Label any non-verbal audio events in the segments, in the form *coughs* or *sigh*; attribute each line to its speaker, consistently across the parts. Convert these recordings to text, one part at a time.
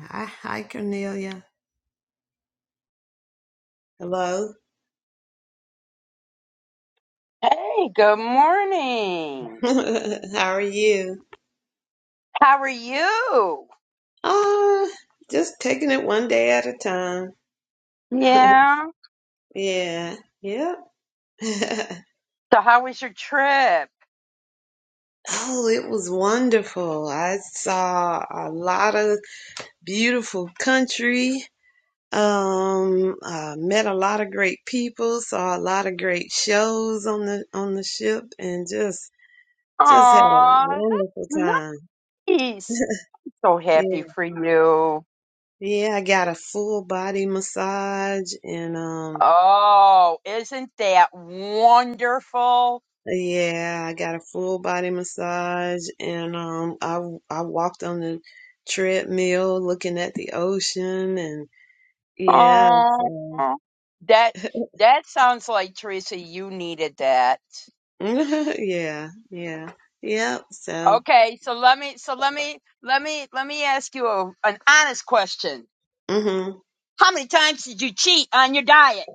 Speaker 1: Hi, hi, Cornelia. Hello.
Speaker 2: Hey, good
Speaker 1: *laughs*
Speaker 2: morning.
Speaker 1: How are you?
Speaker 2: How are you?
Speaker 1: Uh, just taking it one day at a time.
Speaker 2: Yeah.
Speaker 1: Yeah. Yep. *laughs*
Speaker 2: So how was your trip?
Speaker 1: Oh, it was wonderful. I saw a lot of beautiful country. Um, uh, met a lot of great people, saw a lot of great shows on the on the ship and just just had a
Speaker 2: Aw,
Speaker 1: wonderful
Speaker 2: that's
Speaker 1: time.
Speaker 2: nice. So happy
Speaker 1: Yeah.
Speaker 2: for you.
Speaker 1: Yeah, I got a full body massage and um.
Speaker 2: Oh, isn't that wonderful?
Speaker 1: Yeah, I got a full body massage and um I I walked on the treadmill looking at the ocean and yeah,
Speaker 2: Oh,
Speaker 1: so
Speaker 2: that that sounds like Teresa. You needed that.
Speaker 1: *laughs* yeah, yeah. Yep, so
Speaker 2: Okay, so let me so let me let me let me ask you a, an honest question.
Speaker 1: hmm
Speaker 2: How many times did you cheat on your diet?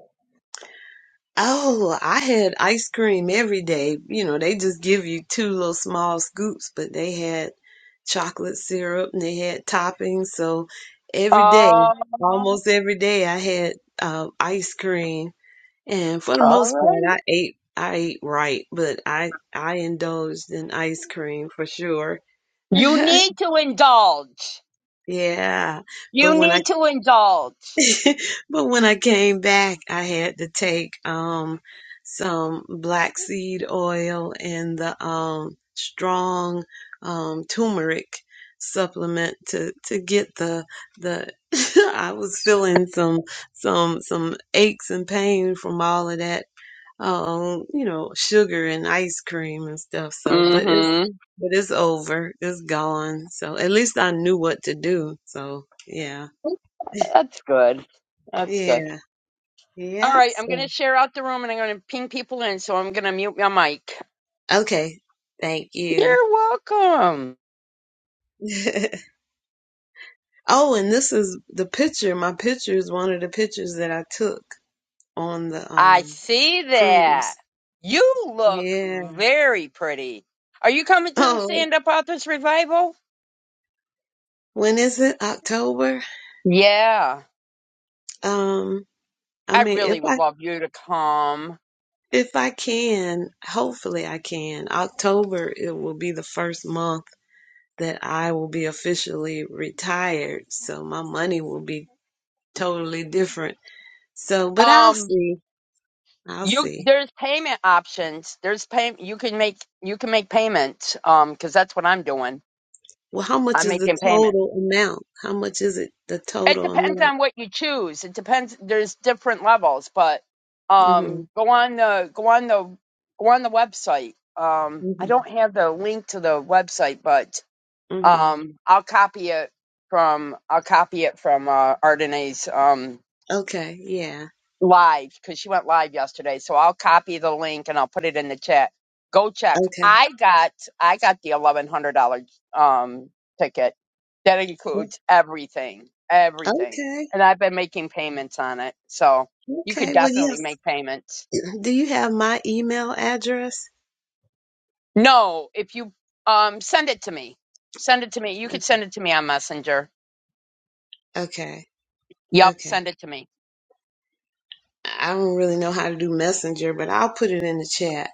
Speaker 1: Oh, I had ice cream every day. You know, they just give you two little small scoops, but they had chocolate syrup and they had toppings, so every day,
Speaker 2: Oh.
Speaker 1: almost every day I had uh, ice cream And for the
Speaker 2: All
Speaker 1: most part,
Speaker 2: right.
Speaker 1: I ate I ate right, but I I indulged in ice cream for sure.
Speaker 2: You
Speaker 1: *laughs*
Speaker 2: need to indulge.
Speaker 1: Yeah, but
Speaker 2: You
Speaker 1: when I
Speaker 2: need to indulge.
Speaker 1: *laughs* but when I came back, I had to take um some black seed oil and the um strong um turmeric supplement to to get the the *laughs* I was feeling some some some aches and pain from all of that um, you know, sugar and ice cream and stuff. So, but it's
Speaker 2: hmm
Speaker 1: but it's over. It's gone. So at least I knew what to do. So yeah,
Speaker 2: That's good. That's good.
Speaker 1: yeah,
Speaker 2: All
Speaker 1: yeah.
Speaker 2: right. I'm going to
Speaker 1: So,
Speaker 2: share out the room and I'm going to ping people in. So I'm going to mute my mic.
Speaker 1: okay, thank you.
Speaker 2: You're welcome.
Speaker 1: *laughs* oh, and this is the picture. My picture is one of the pictures that I took on the
Speaker 2: I
Speaker 1: um
Speaker 2: see that.
Speaker 1: cruise.
Speaker 2: You look
Speaker 1: Yeah. *laughs*
Speaker 2: very pretty. Are you coming to the
Speaker 1: Oh,
Speaker 2: Stand Up Authors Revival?
Speaker 1: when is it? October.
Speaker 2: Yeah.
Speaker 1: Um, I
Speaker 2: I
Speaker 1: mean, if
Speaker 2: really would
Speaker 1: I
Speaker 2: love you to come.
Speaker 1: If I can, hopefully I can. October, it will be the first month that I will be officially retired. So my money will be totally different. So, but I'll
Speaker 2: Um,
Speaker 1: see. I'll
Speaker 2: You
Speaker 1: see.
Speaker 2: there's payment options. There's pay you can make you can make payment. um because that's what I'm doing.
Speaker 1: Well, how much
Speaker 2: I'm
Speaker 1: is the
Speaker 2: making payment.
Speaker 1: total amount? How much is it, the
Speaker 2: It
Speaker 1: total
Speaker 2: depends
Speaker 1: amount?
Speaker 2: on what you choose. It depends. There's different levels, but um
Speaker 1: Mm-hmm.
Speaker 2: go on the go on the go on the website. Um I don't
Speaker 1: Mm-hmm.
Speaker 2: have the link to the website, but
Speaker 1: Mm-hmm.
Speaker 2: um I'll copy it from I'll copy it from uh Ardenae's. um
Speaker 1: Okay. Yeah.
Speaker 2: live because she went live yesterday. So I'll copy the link and I'll put it in the chat. Go check.
Speaker 1: Okay.
Speaker 2: I got I got the eleven hundred dollar um ticket. That includes everything, everything,
Speaker 1: Okay.
Speaker 2: and I've been making payments on it. So you could
Speaker 1: Okay. Well,
Speaker 2: definitely
Speaker 1: yes.
Speaker 2: make payments.
Speaker 1: *clears throat* Do you have my email address?
Speaker 2: No, if you um send it to me, send it to me. You could
Speaker 1: Okay.
Speaker 2: send it to me on Messenger.
Speaker 1: Okay.
Speaker 2: Yep,
Speaker 1: Okay.
Speaker 2: send it to me.
Speaker 1: I don't really know how to do Messenger, but I'll put it in the chat.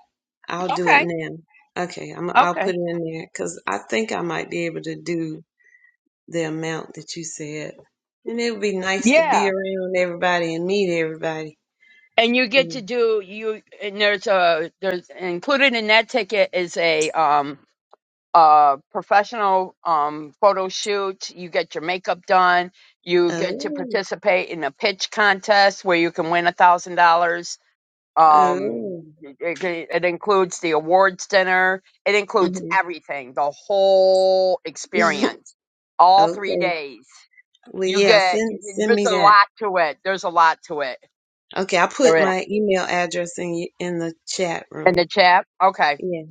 Speaker 1: I'll do it
Speaker 2: Okay.
Speaker 1: now. Okay, I'm I'll
Speaker 2: Okay.
Speaker 1: put it in there because I think I might be able to do the amount that you said, and it would be nice to
Speaker 2: Yeah.
Speaker 1: be around everybody and meet everybody.
Speaker 2: and you get
Speaker 1: Yeah.
Speaker 2: to do you and there's a there's included in that ticket is a um a professional um photo shoot you get your makeup done you get to
Speaker 1: Oh,
Speaker 2: participate in a pitch contest where you can win a thousand dollars um
Speaker 1: oh,
Speaker 2: it, it it includes the awards dinner it
Speaker 1: hmm
Speaker 2: includes everything the whole
Speaker 1: *laughs*
Speaker 2: experience all three
Speaker 1: okay.
Speaker 2: days
Speaker 1: Well,
Speaker 2: you
Speaker 1: yeah,
Speaker 2: get
Speaker 1: send send
Speaker 2: there's
Speaker 1: me
Speaker 2: a
Speaker 1: that.
Speaker 2: lot to it there's a lot to it
Speaker 1: Okay, I
Speaker 2: there
Speaker 1: put
Speaker 2: is
Speaker 1: my email address in y- in the chat
Speaker 2: in the
Speaker 1: room.
Speaker 2: chat okay
Speaker 1: Yeah.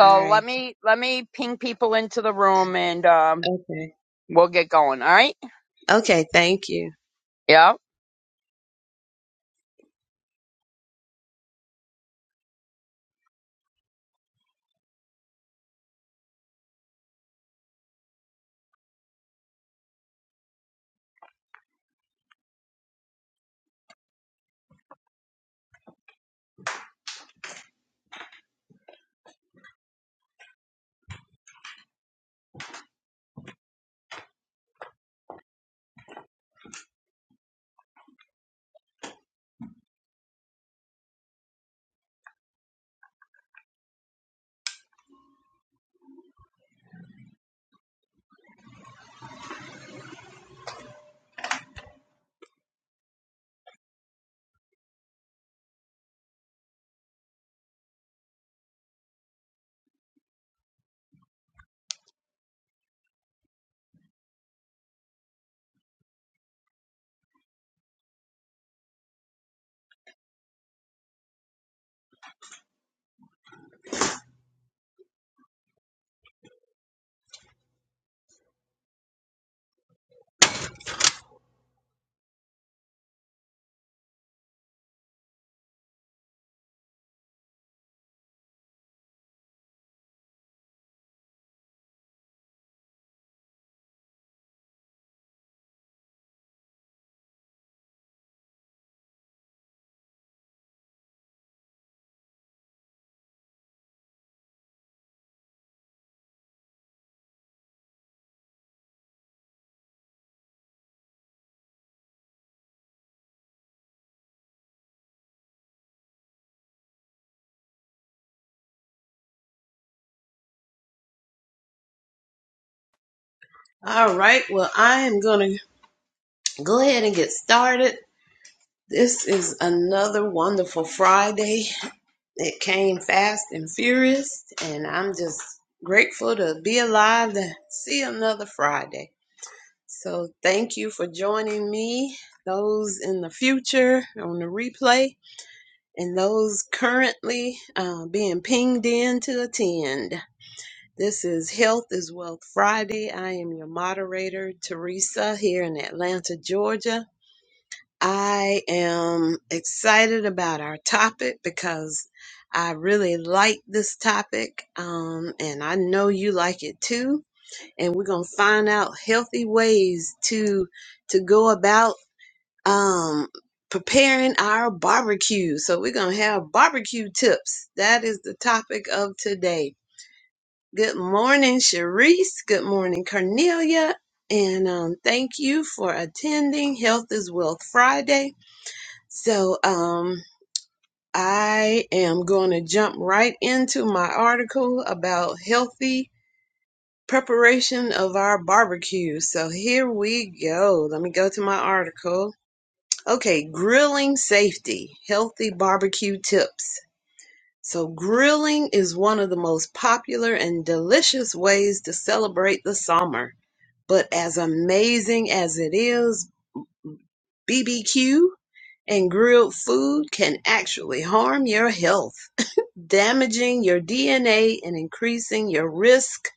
Speaker 1: All
Speaker 2: let
Speaker 1: right.
Speaker 2: me let me ping people into the room and um
Speaker 1: Okay.
Speaker 2: we'll get going, all right?
Speaker 1: Okay. Thank you.
Speaker 2: Yeah.
Speaker 1: All right. Well, I am going to go ahead and get started. This is another wonderful Friday. It came fast and furious, and I'm just grateful to be alive to see another Friday. So, thank you for joining me, those in the future on the replay, and those currently uh, being pinged in to attend. This is Health is Wealth Friday. I am your moderator, Teresa, here in Atlanta, Georgia. I am excited about our topic because I really like this topic, um, and I know you like it too. And we're gonna find out healthy ways to to go about um, preparing our barbecue. So we're gonna have barbecue tips. That is the topic of today Good morning, Sharice. Good morning, Cornelia. And um, thank you for attending Health is Wealth Friday. So um, I am going to jump right into my article about healthy preparation of our barbecue. So here we go. Let me go to my article. Okay, grilling safety, healthy barbecue tips. So, grilling is one of the most popular and delicious ways to celebrate the summer. But as amazing as it is, BBQ and grilled food can actually harm your health, *laughs* damaging your DNA and increasing your risk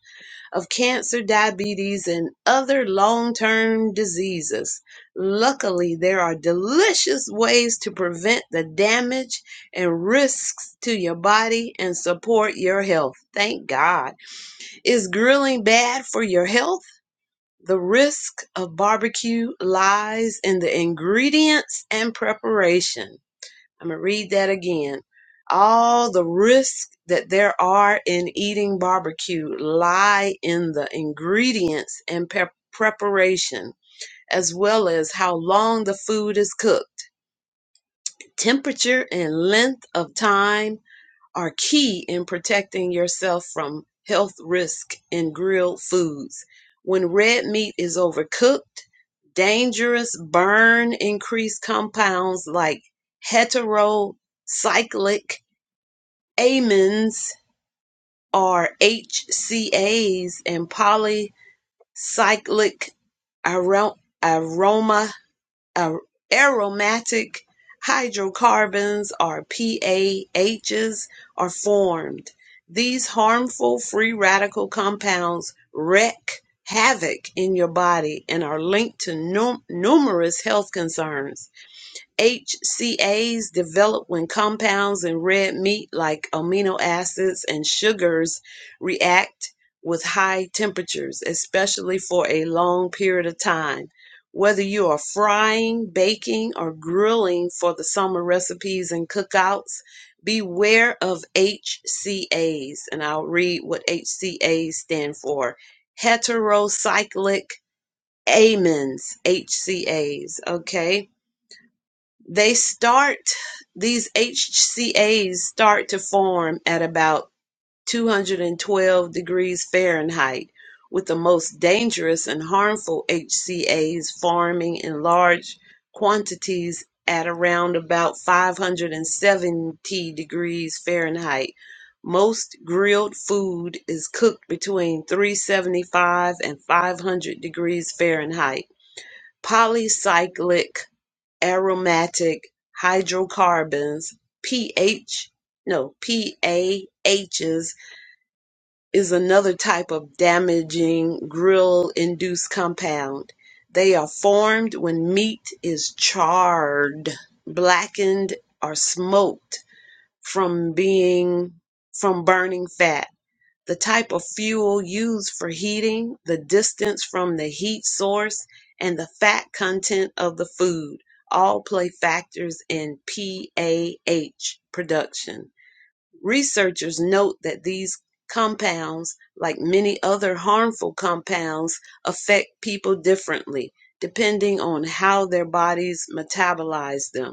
Speaker 1: of cancer, diabetes, and other long term diseases. Luckily, there are delicious ways to prevent the damage and risks to your body and support your health. Thank God. Is grilling bad for your health? The risk of barbecue lies in the ingredients and preparation. I'm going to read that again. All the risks that there are in eating barbecue lie in the ingredients and pep preparation, as well as how long the food is cooked, temperature and length of time are key in protecting yourself from health risk in grilled foods. When red meat is overcooked, dangerous burn increased compounds like heterocyclic amines or HCAs and polycyclic arom- aroma ar- aromatic hydrocarbons or PAHs are formed. These harmful free radical compounds wreak havoc in your body and are linked to num- numerous health concerns. HCAs develop when compounds in red meat like amino acids and sugars react with high temperatures, especially for a long period of time. Whether you are frying, baking, or grilling for the summer recipes and cookouts, beware of HCAs. And I'll read what HCAs stand for heterocyclic amines, HCAs. Okay they start, these HCAs start to form at about 212 degrees Fahrenheit, with the most dangerous and harmful HCAs forming in large quantities at around about 570 degrees Fahrenheit. Most grilled food is cooked between 375 and 500 degrees Fahrenheit. Polycyclic aromatic hydrocarbons, pH, no, PAHs, is another type of damaging grill induced compound. They are formed when meat is charred, blackened, or smoked from being from burning fat the type of fuel used for heating, the distance from the heat source, and the fat content of the food all play factors in PAH production. Researchers note that these compounds, like many other harmful compounds, affect people differently depending on how their bodies metabolize them.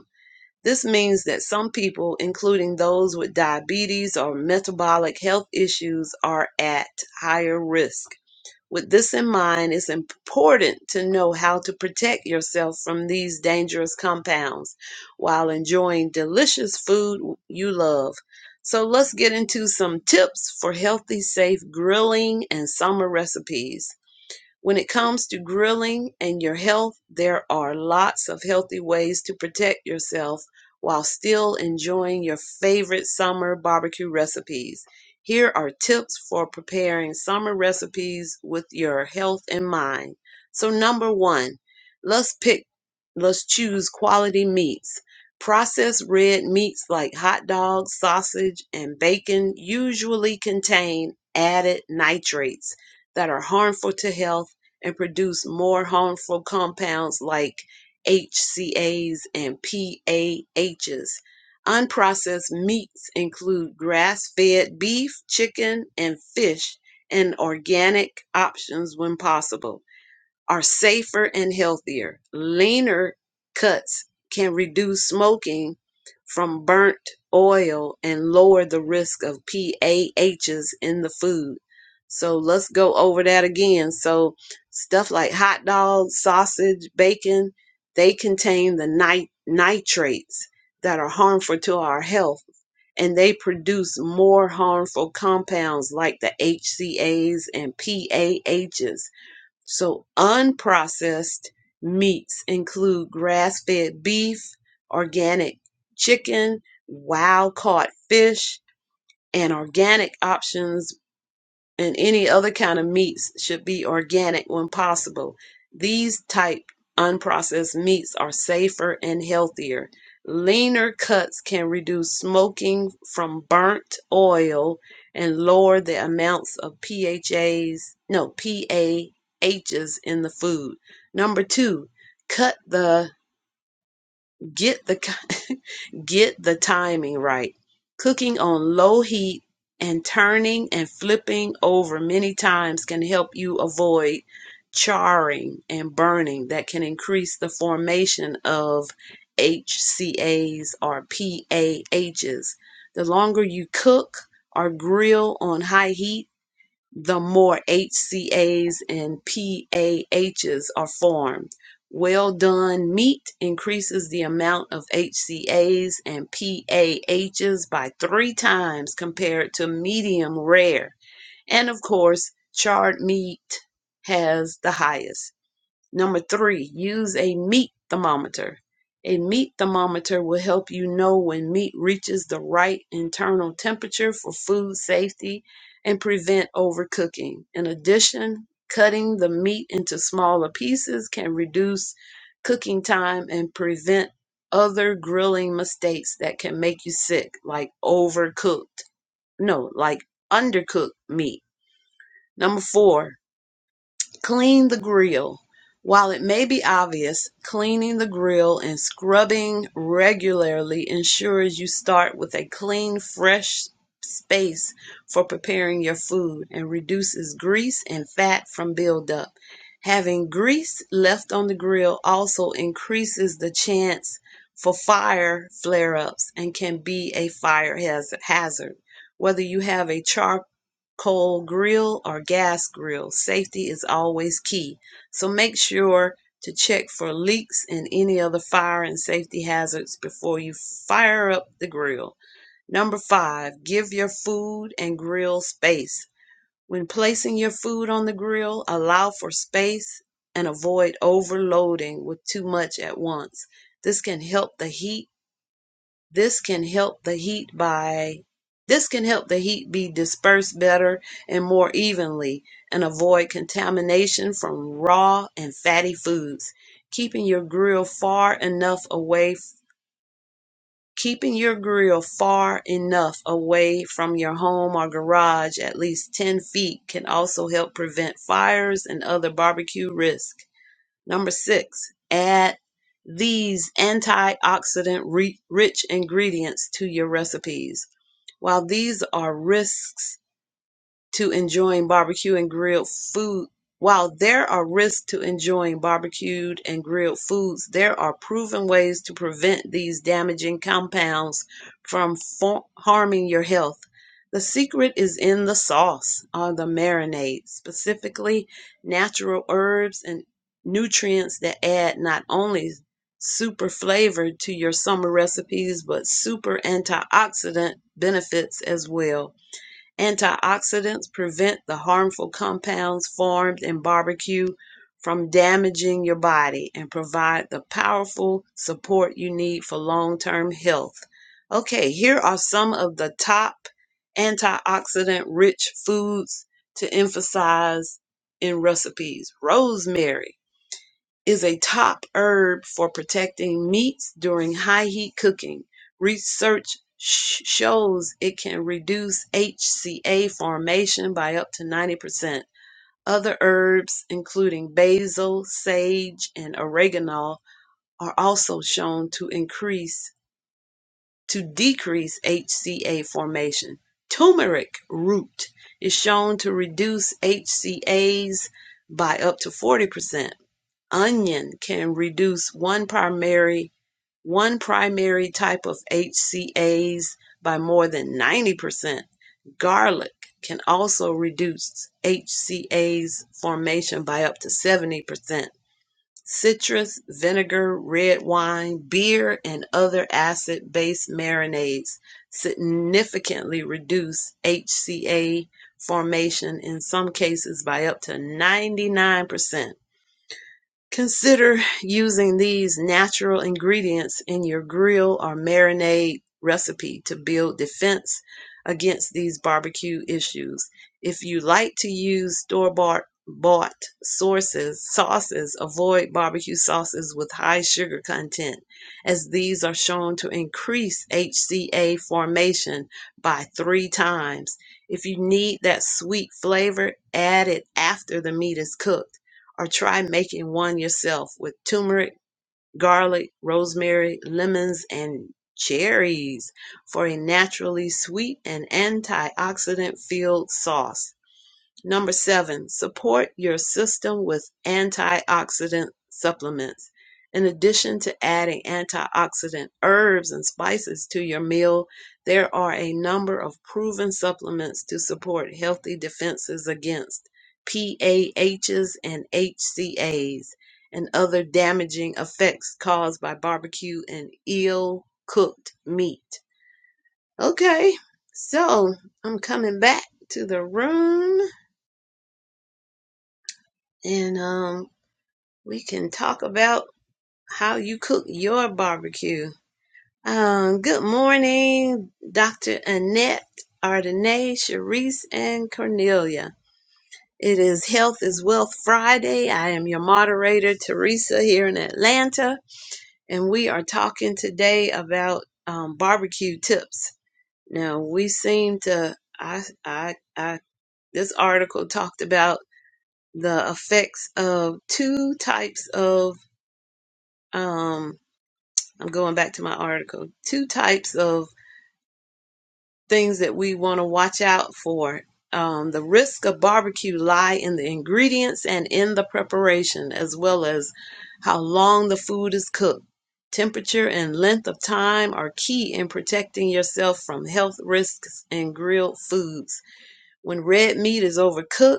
Speaker 1: This means that some people, including those with diabetes or metabolic health issues, are at higher risk. With this in mind, it's important to know how to protect yourself from these dangerous compounds while enjoying delicious food you love. So, let's get into some tips for healthy, safe grilling and summer recipes. When it comes to grilling and your health, there are lots of healthy ways to protect yourself while still enjoying your favorite summer barbecue recipes. Here are tips for preparing summer recipes with your health in mind. So number 1, let's pick let's choose quality meats. Processed red meats like hot dogs, sausage, and bacon usually contain added nitrates that are harmful to health and produce more harmful compounds like HCAs and PAHs. Unprocessed meats include grass fed beef, chicken, and fish, and organic options when possible are safer and healthier. Leaner cuts can reduce smoking from burnt oil and lower the risk of PAHs in the food. So let's go over that again. So, stuff like hot dogs, sausage, bacon, they contain the nit- nitrates that are harmful to our health and they produce more harmful compounds like the HCAs and PAHs so unprocessed meats include grass fed beef, organic chicken, wild caught fish, and organic options and any other kind of meats should be organic when possible. These type unprocessed meats are safer and healthier. Leaner cuts can reduce smoking from burnt oil and lower the amounts of PHAs, no, PAHs in the food. Number two, cut the Get the *laughs* get the timing right. Cooking on low heat and turning and flipping over many times can help you avoid charring and burning that can increase the formation of HCAs or PAHs. The longer you cook or grill on high heat, the more HCAs and PAHs are formed. Well done meat increases the amount of HCAs and PAHs by three times compared to medium rare. And of course, charred meat has the highest. Number three, use a meat thermometer. A meat thermometer will help you know when meat reaches the right internal temperature for food safety and prevent overcooking. In addition, cutting the meat into smaller pieces can reduce cooking time and prevent other grilling mistakes that can make you sick, like overcooked, no, like undercooked meat. Number four, Clean the grill. While it may be obvious, cleaning the grill and scrubbing regularly ensures you start with a clean, fresh space for preparing your food and reduces grease and fat from buildup. Having grease left on the grill also increases the chance for fire flare ups and can be a fire hazard. Whether you have a char coal grill or gas grill. Safety is always key. So make sure to check for leaks and any other fire and safety hazards before you fire up the grill. Number five, give your food and grill space. When placing your food on the grill, allow for space and avoid overloading with too much at once. This can help the heat this can help the heat by this can help the heat be dispersed better and more evenly and avoid contamination from raw and fatty foods. Keeping your grill far enough away keeping your grill far enough away from your home or garage at least 10 feet can also help prevent fires and other barbecue risks. Number six, add these antioxidant rich ingredients to your recipes. While these are risks to enjoying barbecue and grilled food. While there are risks to enjoying barbecued and grilled foods, there are proven ways to prevent these damaging compounds from for- harming your health. The secret is in the sauce or the marinade, specifically natural herbs and nutrients that add not only super flavor to your summer recipes, but super antioxidant benefits as well. Antioxidants prevent the harmful compounds formed in barbecue from damaging your body and provide the powerful support you need for long term health. Okay, here are some of the top antioxidant rich foods to emphasize in recipes rosemary is a top herb for protecting meats during high heat cooking. Research sh- shows it can reduce HCA formation by up to 90%. Other herbs, including basil, sage, and oregano, are also shown to increase to decrease HCA formation. Turmeric root is shown to reduce HCAs by up to 40% onion can reduce one primary one primary type of HCAs by more than 90%. Garlic can also reduce HCAs formation by up to 70%. Citrus, vinegar, red wine, beer, and other acid based marinades significantly reduce HCA formation in some cases by up to 99%. Consider using these natural ingredients in your grill or marinade recipe to build defense against these barbecue issues. If you like to use store bought bought sources sauces avoid barbecue sauces with high sugar content as these are shown to increase hca formation by three times if you need that sweet flavor add it after the meat is cooked or try making one yourself with turmeric, garlic, rosemary, lemons, and cherries for a naturally sweet and antioxidant filled sauce. Number seven, support your system with antioxidant supplements. In addition to adding antioxidant herbs and spices to your meal, there are a number of proven supplements to support healthy defenses against PAHs and HCAs and other damaging effects caused by barbecue and ill cooked meat. Okay, so I'm coming back to the room and um, we can talk about how you cook your barbecue. Um, good morning, Dr. Annette, Ardenae, Sharice, and Cornelia. It is Health is Wealth Friday. I am your moderator, Teresa, here in Atlanta, and we are talking today about um, barbecue tips. Now, we seem to, I, I, I, this article talked about the effects of two types of um, I'm going back to my article. Two types of things that we want to watch out for. Um, the risk of barbecue lie in the ingredients and in the preparation, as well as how long the food is cooked. Temperature and length of time are key in protecting yourself from health risks in grilled foods. When red meat is overcooked,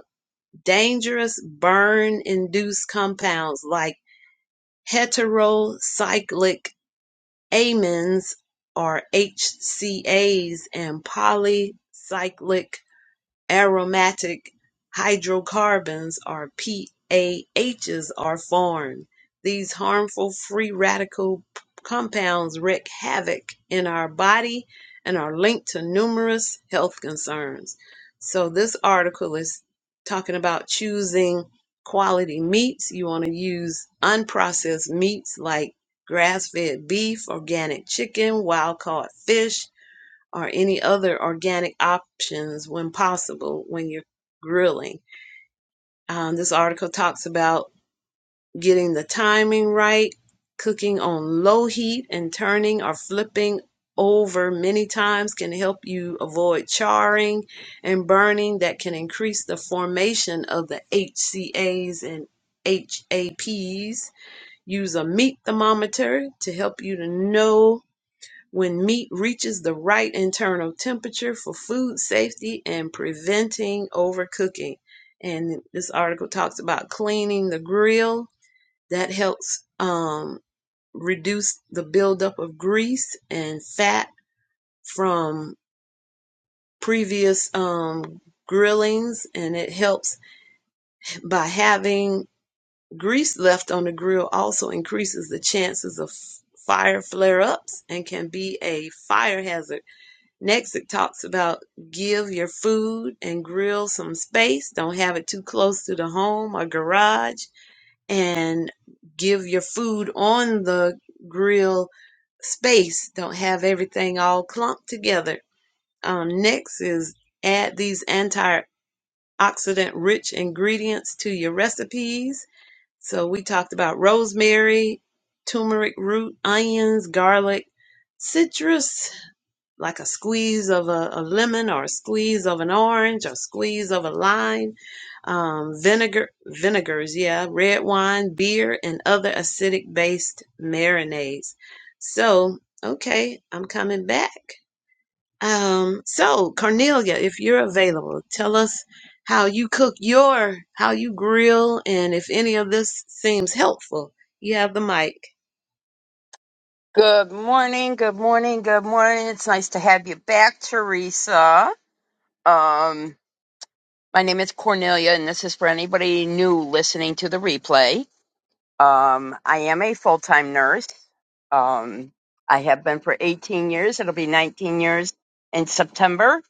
Speaker 1: dangerous burn induced compounds like heterocyclic Amines are HCAs and polycyclic Aromatic hydrocarbons or PAHs are formed. These harmful free radical p- compounds wreak havoc in our body and are linked to numerous health concerns. So this article is talking about choosing quality meats. You want to use unprocessed meats like grass-fed beef, organic chicken, wild-caught fish, or any other organic options when possible when you're grilling. Um, this article talks about getting the timing right, cooking on low heat, and turning or flipping over many times can help you avoid charring and burning that can increase the formation of the HCAs and HAPs. Use a meat thermometer to help you to know when meat reaches the right internal temperature for food safety and preventing overcooking. And this article talks about cleaning the grill. That helps um, reduce the buildup of grease and fat from previous um, grillings, and it helps by having grease left on the grill also increases the chances of fire flare ups and can be a fire hazard Next, it talks about give your food and grill some space. Don't have it too close to the home or garage. And give your food on the grill space. Don't have everything all clumped together. Um, next is add these antioxidant rich ingredients to your recipes. So we talked about rosemary, turmeric root, onions, garlic, citrus like a squeeze of a, a lemon or a squeeze of an orange or a squeeze of a lime, um, vinegar, vinegars, yeah, red wine, beer, and other acidic based marinades. So, okay, I'm coming back. Um, so Cornelia, if you're available, tell us how you cook your, how you grill, and if any of this seems helpful. You have the mic.
Speaker 2: Good morning, good morning, good morning. It's nice to have you back, Teresa. Um my name is Cornelia and this is for anybody new listening to the replay. Um I am a full-time nurse. Um I have been for 18 years. It'll be 19 years in September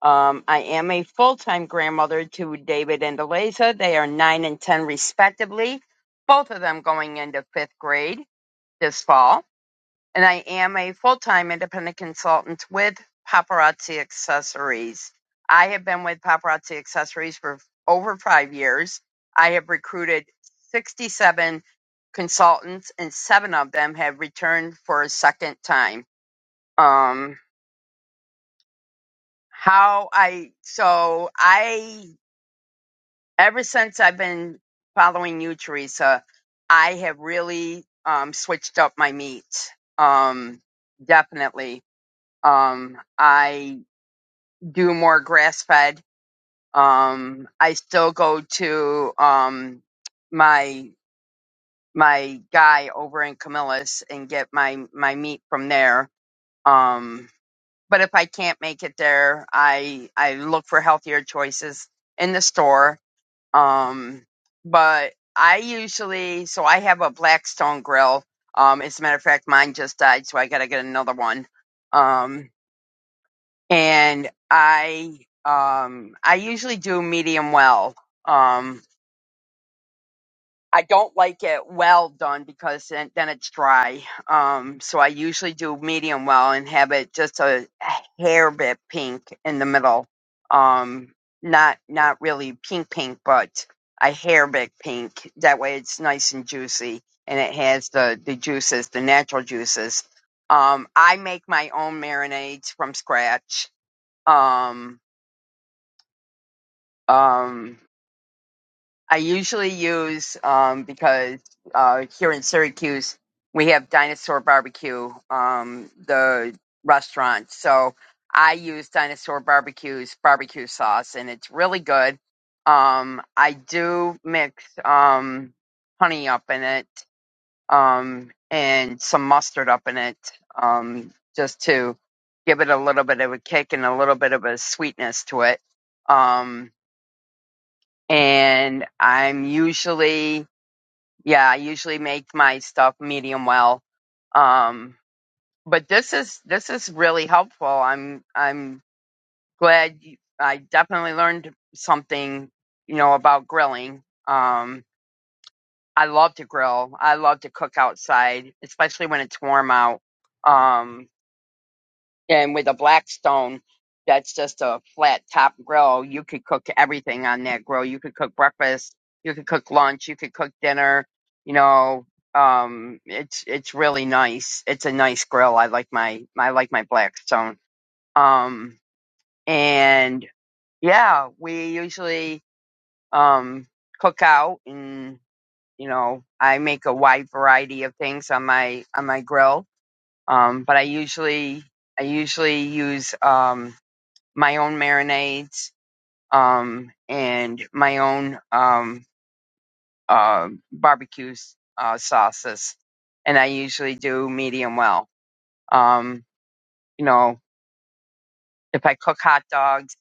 Speaker 2: Um, I am a full time grandmother to David and Eliza. They are nine and ten, respectively, both of them going into fifth grade this fall. And I am a full time independent consultant with Paparazzi Accessories. I have been with Paparazzi Accessories for over five years. I have recruited 67 consultants, and seven of them have returned for a second time. Um, how I so I ever since I've been following you, Teresa, I have really um, switched up my meat. Um, definitely. Um, I do more grass fed. Um, I still go to um, my my guy over in Camillus and get my my meat from there. Um, but if I can't make it there, I I look for healthier choices in the store Um, but I usually, so I have a Blackstone grill. Um, as a matter of fact, mine just died, so I gotta get another one. Um, and I, um, I usually do medium well. Um, I don't like it well done because then, then it's dry. Um, so I usually do medium well and have it just a, a hair bit pink in the middle. Um, not not really pink pink, but a hair bit pink. That way it's nice and juicy and it has the the juices, the natural juices. Um, I make my own marinades from scratch. Um, um, I usually use um, because uh, here in Syracuse we have Dinosaur Barbecue, um, the restaurant. So I use Dinosaur Barbecue's barbecue sauce, and it's really good. Um, I do mix um, honey up in it um, and some mustard up in it um, just to give it a little bit of a kick and a little bit of a sweetness to it. Um, and I'm usually yeah i usually make my stuff medium well um but this is this is really helpful i'm i'm glad you, i definitely learned something you know about grilling um i love to grill i love to cook outside especially when it's warm out um and with a Blackstone, that's just a flat top grill. You could cook everything on that grill. You could cook breakfast. You could cook lunch. You could cook dinner. You know, um, it's it's really nice. It's a nice grill. I like my I like my Blackstone. Um, and yeah, we usually um cook out, and you know, I make a wide variety of things on my on my grill. Um, but I usually I usually use um my own marinades, um, and my own um, uh, barbecue uh, sauces. And I usually do medium well. Um, you know, if I cook hot dogs,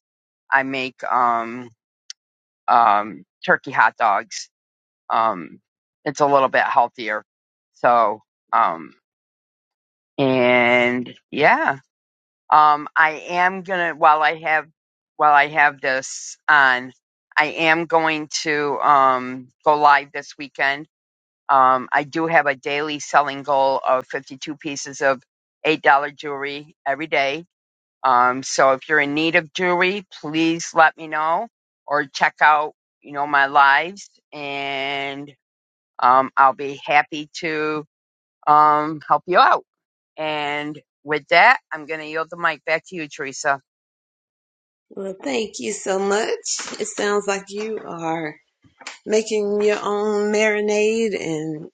Speaker 2: I make um, um, turkey hot dogs. Um, it's a little bit healthier. So, um, and yeah Um, I am gonna while I have while I have this on, I am going to um, go live this weekend. Um, I do have a daily selling goal of 52 pieces of eight dollar jewelry every day. Um, so if you're in need of jewelry, please let me know or check out you know my lives, and um, I'll be happy to um, help you out. And with that, I'm going to yield the mic back to you, Teresa.
Speaker 1: Well, thank you so much. It sounds like you are making your own marinade and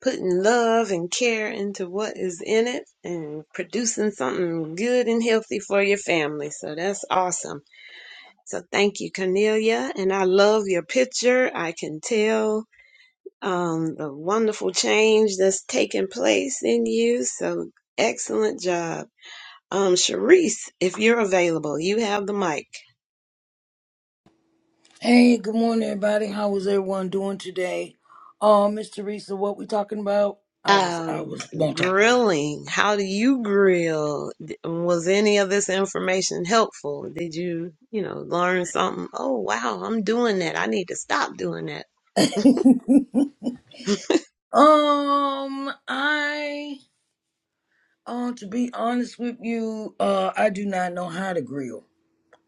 Speaker 1: putting love and care into what is in it and producing something good and healthy for your family. So that's awesome. So thank you, Cornelia. And I love your picture. I can tell um, the wonderful change that's taking place in you. So excellent job. Um, Sharice, if you're available, you have the mic.
Speaker 3: Hey, good morning, everybody. How is everyone doing today? Uh, Miss Teresa, what we talking about? I was, I
Speaker 1: Um,
Speaker 3: was multi.
Speaker 1: grilling. How do you grill? D- Was any of this information helpful? Did you, you know, learn something? Oh, wow, I'm doing that. I need to stop doing that. *laughs*
Speaker 3: Um, I, uh, to be honest with you, uh, I do not know how to grill.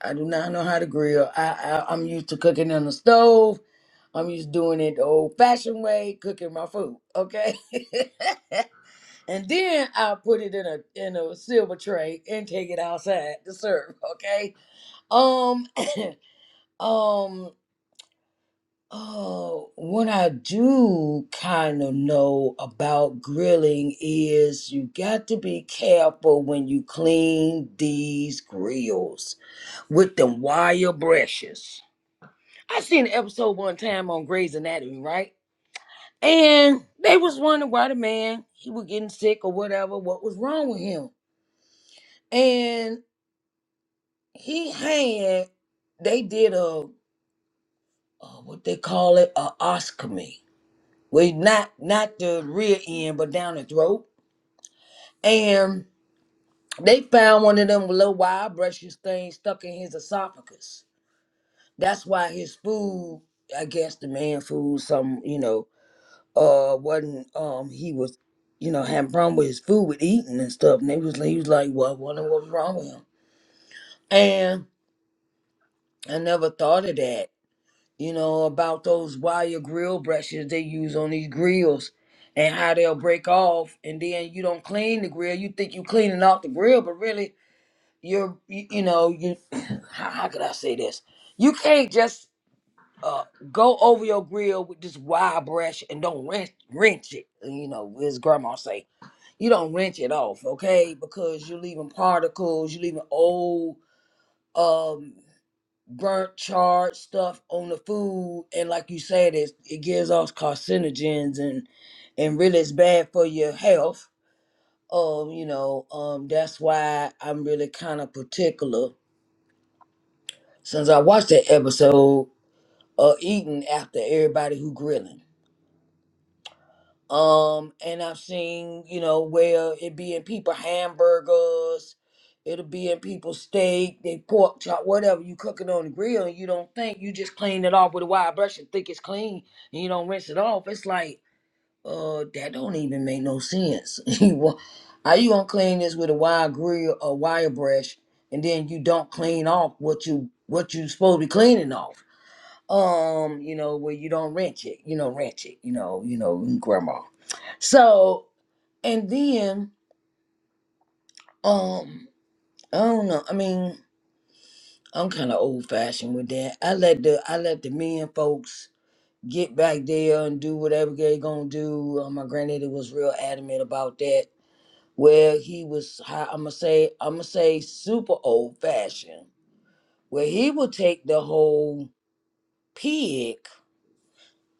Speaker 3: I do not know how to grill. I, I I'm used to cooking on the stove. I'm used to doing it the old-fashioned way, cooking my food. Okay, *laughs* and then I put it in a in a silver tray and take it outside to serve. Okay. Um. *clears throat* *coughs* Um, oh, what I do kind of know about grilling is you got to be careful when you clean these grills with them wire brushes. I seen an episode one time on Grey's Anatomy, right? And they was wondering why the man he was getting sick or whatever, what was wrong with him. And he had they did a, a what they call it, a oscopy Well, not not the rear end, but down the throat. And they found one of them little wire brushes things stuck in his esophagus. That's why his food, I guess the man food, some you know, uh, wasn't um he was, you know, having problem with his food with eating and stuff. And they was he was like, well, I wonder what was wrong with him. And I never thought of that you know, about those wire grill brushes they use on these grills and how they'll break off and then you don't clean the grill. You think you're cleaning off the grill, but really you're, you, you know, you, *clears throat* how, how could I say this? You can't just uh, go over your grill with this wire brush and don't wrench, wrench it, you know, as grandma say. You don't wrench it off, okay? Because you're leaving particles, you're leaving old, um burnt charred stuff on the food and like you said it, it gives off carcinogens and and really it's bad for your health um you know um that's why i'm really kind of particular since i watched that episode of eating after everybody who grilling Um, and I've seen, you know, where it be in people hamburgers, it'll be in people steak, they pork chop, whatever you cook it on the grill and you don't think you just clean it off with a wide brush and think it's clean and you don't rinse it off. It's like, uh, that don't even make no sense. *laughs* You wa- How you gonna clean this with a wide grill or wire brush and then you don't clean off what you what you supposed to be cleaning off? um, you know, where you don't rent it, you know, rent it, you know, you know, grandma. So and then, um, I don't know. I mean, I'm kind of old fashioned with that. I let the I let the men folks get back there and do whatever they gonna do. Uh, my granddaddy was real adamant about that. Where he was, how I'm gonna say, I'm gonna say, super old fashioned. Where he would take the whole pig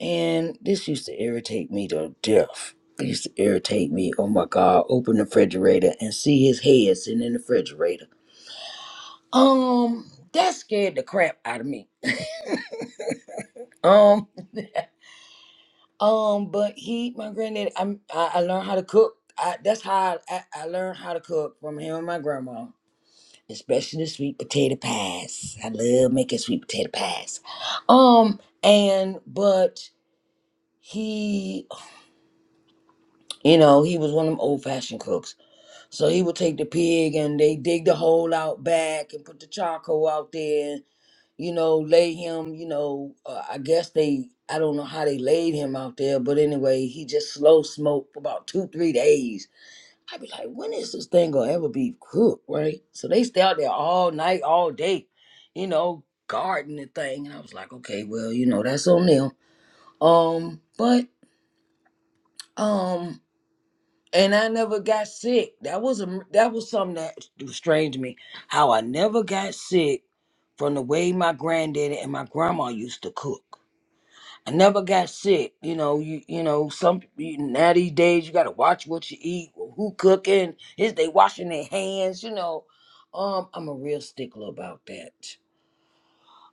Speaker 3: And this used to irritate me to death. It used to irritate me. Oh my God, open the refrigerator and see his head sitting in the refrigerator. Um, that scared the crap out of me. *laughs* Um, um, but he, my granddaddy, I'm, I, I learned how to cook. I, that's how I, I learned how to cook from him and my grandma, especially the sweet potato pies. I love making sweet potato pies. Um, and but he, you know, he was one of them old fashioned cooks. So he would take the pig and they dig the hole out back and put the charcoal out there and, you know, lay him, you know, uh, I guess they, I don't know how they laid him out there, but anyway, he just slow smoked for about two, three days. I'd be like, when is this thing gonna ever be cooked, right? So they stay out there all night, all day, you know, guarding the thing. And I was like, okay, well, you know, that's on them. Um, but, um, and I never got sick. That was a that was something that was strange to me. How I never got sick from the way my granddaddy and my grandma used to cook. I never got sick. You know, you you know, some you, now these days you gotta watch what you eat, who cooking, is they washing their hands, you know. Um, I'm a real stickler about that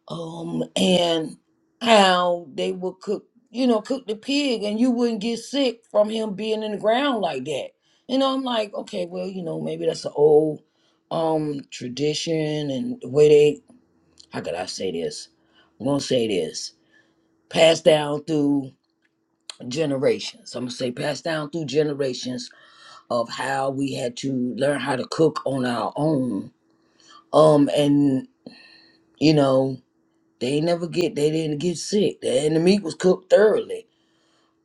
Speaker 3: um, and how they would cook, you know, cook the pig, and you wouldn't get sick from him being in the ground like that. You know, I'm like, okay, well, you know, maybe that's an old um tradition and the way they, how could I say this? I'm gonna say this, passed down through generations. I'm gonna say passed down through generations of how we had to learn how to cook on our own. Um, and you know. They ain't never get they didn't get sick. And the meat was cooked thoroughly.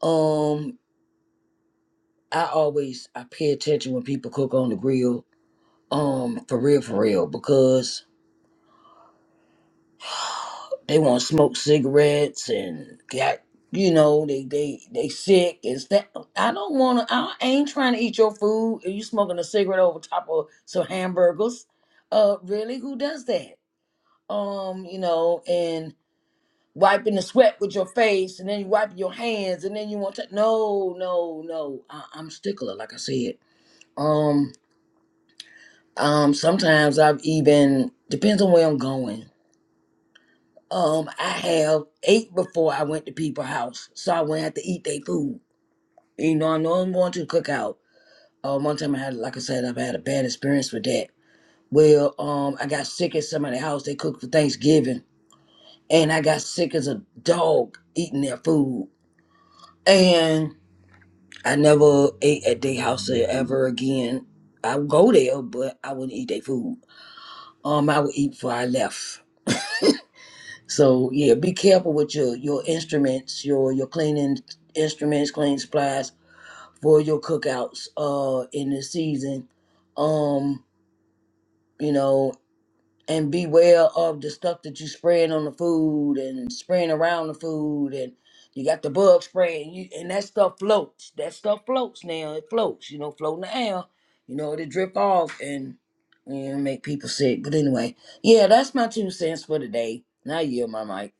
Speaker 3: Um, I always I pay attention when people cook on the grill. Um, for real, for real, because *sighs* they want to smoke cigarettes and got you know they they they sick and stuff. I don't want to. I ain't trying to eat your food. and you smoking a cigarette over top of some hamburgers? Uh, really, who does that? Um, you know, and wiping the sweat with your face and then you wiping your hands and then you want to no no no I, i'm a stickler like i said um um sometimes i've even depends on where i'm going um i have ate before i went to people's house so i wouldn't have to eat their food you know i know i'm going to cook out um one time i had like i said i've had a bad experience with that well um i got sick at somebody's house they cooked for thanksgiving and i got sick as a dog eating their food and. I never ate at their house ever again. I would go there, but I wouldn't eat their food. Um, I would eat before I left. So yeah, be careful with your your instruments, your your cleaning instruments, cleaning supplies for your cookouts. Uh, in this season, um, you know, and beware of the stuff that you spraying on the food and spraying around the food and you got the bug spray and, you, and that stuff floats. That stuff floats now. It floats, you know, floating the air. You know, it'll drip off and you know, make people sick. But anyway, yeah, that's my two cents for today. Now you yield my mic.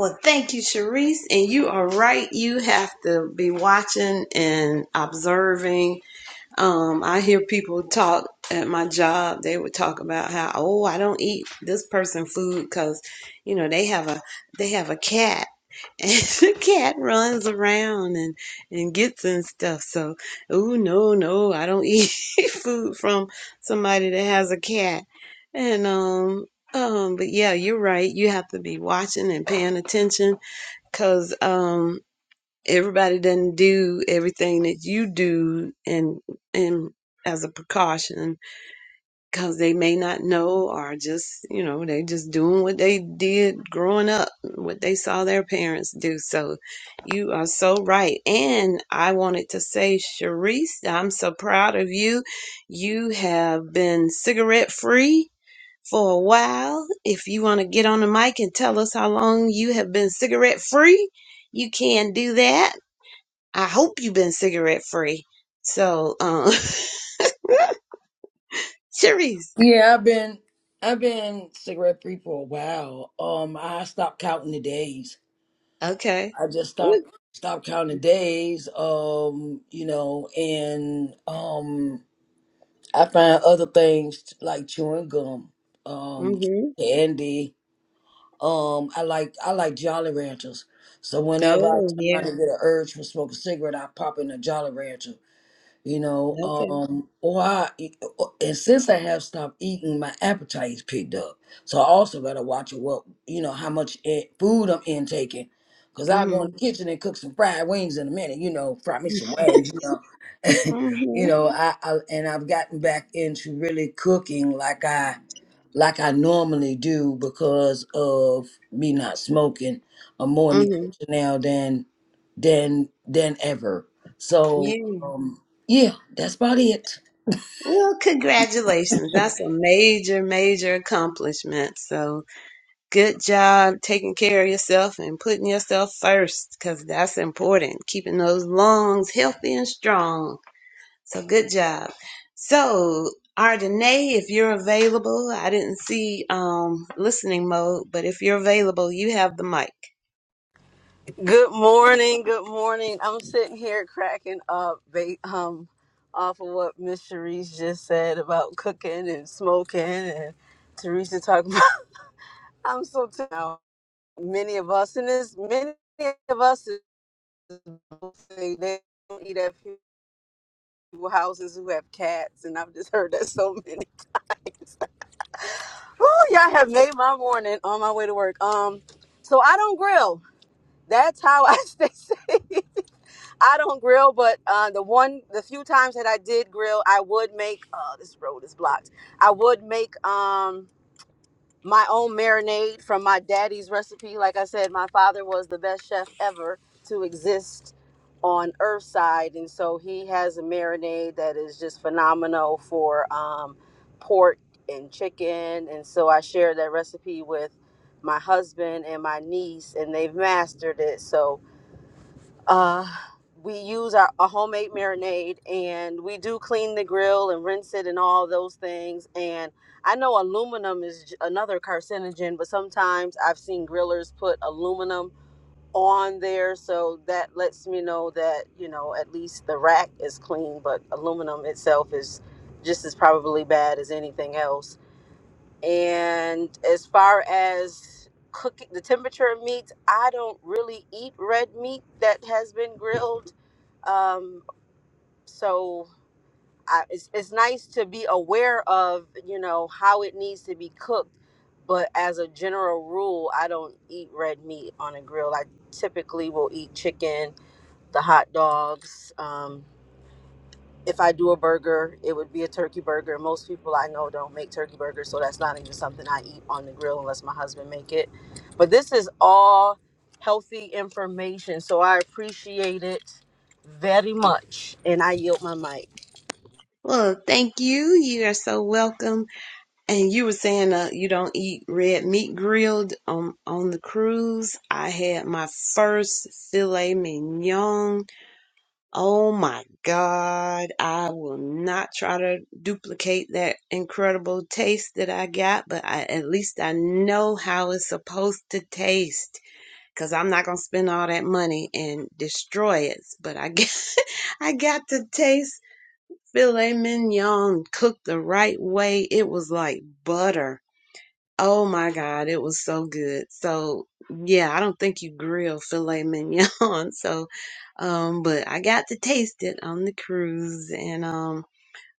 Speaker 1: Well, thank you, Sharice. And you are right. You have to be watching and observing Um, I hear people talk at my job. They would talk about how, oh, I don't eat this person food because, you know, they have a they have a cat, *laughs* and the cat runs around and and gets and stuff. So, oh no, no, I don't eat *laughs* food from somebody that has a cat. And um, um, but yeah, you're right. You have to be watching and paying attention because um everybody doesn't do everything that you do and and as a precaution because they may not know or just you know they just doing what they did growing up what they saw their parents do so you are so right and i wanted to say Sharice i'm so proud of you you have been cigarette free for a while if you want to get on the mic and tell us how long you have been cigarette free you can do that I hope you've been cigarette free. So, um, *laughs* Cherise,
Speaker 3: Yeah, I've been I've been cigarette free for a while. Um I stopped counting the days.
Speaker 1: okay.
Speaker 3: I just
Speaker 1: What?
Speaker 3: stopped stopped counting the days. Um, you know, and um I find other things like chewing gum, um,
Speaker 1: hmm
Speaker 3: candy. Um, I like I like Jolly Ranchers. So whenever I'm
Speaker 1: Oh,
Speaker 3: trying
Speaker 1: yeah.
Speaker 3: to get an urge for smoking a cigarette, I pop in a Jolly Rancher you know
Speaker 1: Okay.
Speaker 3: um or I, and since i have stopped eating my appetite's picked up so i also gotta watch what you know how much eh, food i'm intaking because i go in
Speaker 1: mm
Speaker 3: the kitchen and cook some fried wings in a minute you know fry me some
Speaker 1: hmm
Speaker 3: wings you know *laughs*
Speaker 1: hmm
Speaker 3: you know I, I and i've gotten back into really cooking like i like i normally do because of me not smoking i'm more in the
Speaker 1: hmm
Speaker 3: kitchen now than than than ever
Speaker 1: *laughs*
Speaker 3: so
Speaker 1: Yeah.
Speaker 3: um, yeah, that's about it.
Speaker 1: Well, congratulations. That's a major, major accomplishment. So good job taking care of yourself and putting yourself first because that's important. Keeping those lungs healthy and strong. So good job. So Ardenae, if you're available, I didn't see um listening mode, but if you're available, you have the mic.
Speaker 4: Good morning. Good morning. I'm sitting here cracking up ba- um, off of what Miss Sharice just said about cooking and smoking and Teresa talking about. *laughs* I'm so tired. now. Many of us, in this many of us, who say they don't eat at people houses who have cats, and I've just heard that so many times. *laughs* Oh, y'all have made my morning on my way to work. Um, so I don't grill. That's how I *laughs* stay safe. I don't grill, but uh, the one, the few times that I did grill, I would make. Oh, this road is blocked. I would make um, my own marinade from my daddy's recipe. Like I said, my father was the best chef ever to exist on Earthside, and so he has a marinade that is just phenomenal for um, pork and chicken. And so I shared that recipe with my husband and my niece, and they've mastered it. So uh, we use our a homemade marinade, and we do clean the grill and rinse it and all those things. And I know aluminum is j- another carcinogen, but sometimes I've seen grillers put aluminum on there, so that lets me know that you know at least the rack is clean, but aluminum itself is just as probably bad as anything else. And as far as cooking the temperature of meats, I don't really eat red meat that has been grilled um so I, it's, it's nice to be aware of you know how it needs to be cooked but as a general rule i don't eat red meat on a grill i typically will eat chicken the hot dogs um if i do a burger it would be a turkey burger most people i know don't make turkey burgers so that's not even something i eat on the grill unless my husband make it but this is all healthy information so i appreciate it very much and i yield my mic
Speaker 1: Well, thank you. You are so welcome. And you were saying uh, you don't eat red meat grilled um on the cruise. I had my first filet mignon Oh my God, I will not try to duplicate that incredible taste that I got, but I, at least I know how it's supposed to taste because I'm not going to spend all that money and destroy it. But I got, *laughs* I got to taste filet mignon cooked the right way. It was like butter. Oh my God, it was so good. So yeah, I don't think you grill filet mignon. *laughs* So, um, but I got to taste it on the cruise, and um,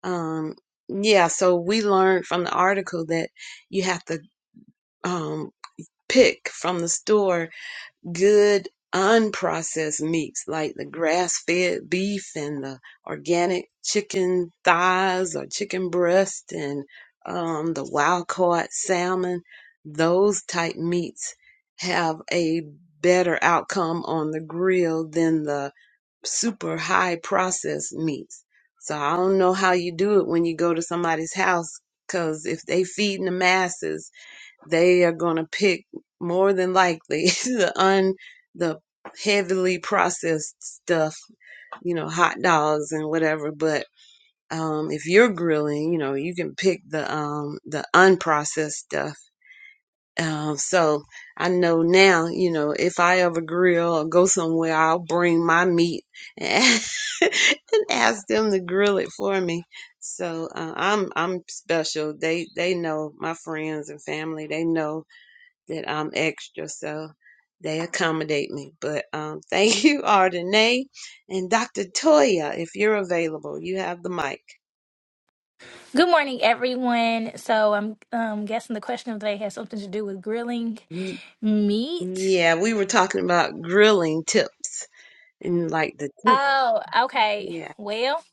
Speaker 1: um, yeah. So we learned from the article that you have to um pick from the store good unprocessed meats like the grass-fed beef and the organic chicken thighs or chicken breast and um, the wild caught salmon those type meats have a better outcome on the grill than the super high processed meats so i don't know how you do it when you go to somebody's house because if they feeding the masses they are going to pick more than likely *laughs* the un the heavily processed stuff you know hot dogs and whatever but um if you're grilling you know you can pick the um the unprocessed stuff um so i know now you know if i ever grill or go somewhere i'll bring my meat and *laughs* and ask them to grill it for me so uh, i'm i'm special they they know my friends and family they know that I'm extra, so they accommodate me. But um, *laughs* thank you, Ardenae and Dr. Toya, if you're available, you have the mic.
Speaker 5: Good morning, everyone. So I'm um, guessing the question of the day has something to do with grilling
Speaker 1: Y-
Speaker 5: meat.
Speaker 1: Yeah, we were talking about grilling tips and like the tip.
Speaker 5: Oh, okay.
Speaker 1: Yeah.
Speaker 5: Well,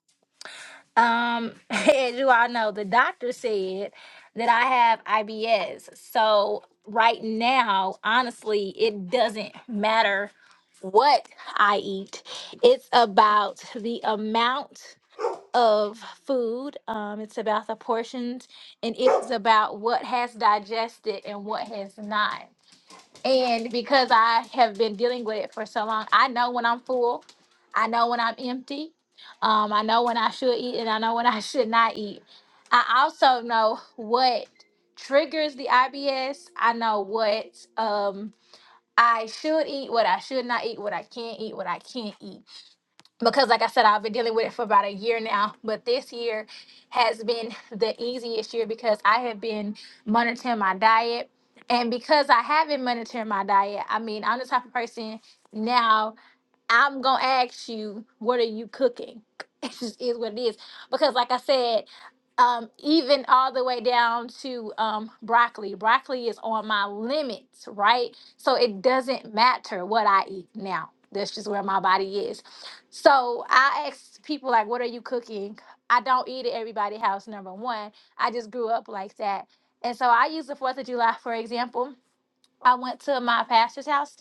Speaker 5: um, *laughs* as you all know, the doctor said that I have IBS. So right now, honestly, it doesn't matter what I eat. It's about the amount of food. Um, it's about the portions, and it is about what has digested and what has not. And because I have been dealing with it for so long, I know when I'm full, I know when I'm empty, um, I know when I should eat, and I know when I *laughs* should not eat. I also know what triggers the IBS. I know what um, I should eat, what I should not eat, what I can't eat, what I can't eat because like I said, I've been dealing with it for about a year now, but this year has been the easiest year because I have been monitoring my diet. And because I have been monitoring my diet, I mean, I'm the type of person now I'm gonna ask you, what are you cooking? *laughs* It just is what it is. Because like I said, um, even all the way down to um broccoli. Broccoli is on my limits, right? So it doesn't matter what I eat now. That's just where my body is. So I ask people like, what are you cooking? I don't eat at everybody's house, number one. I just grew up like that. And so I use the Fourth of July, for example I went to my pastor's house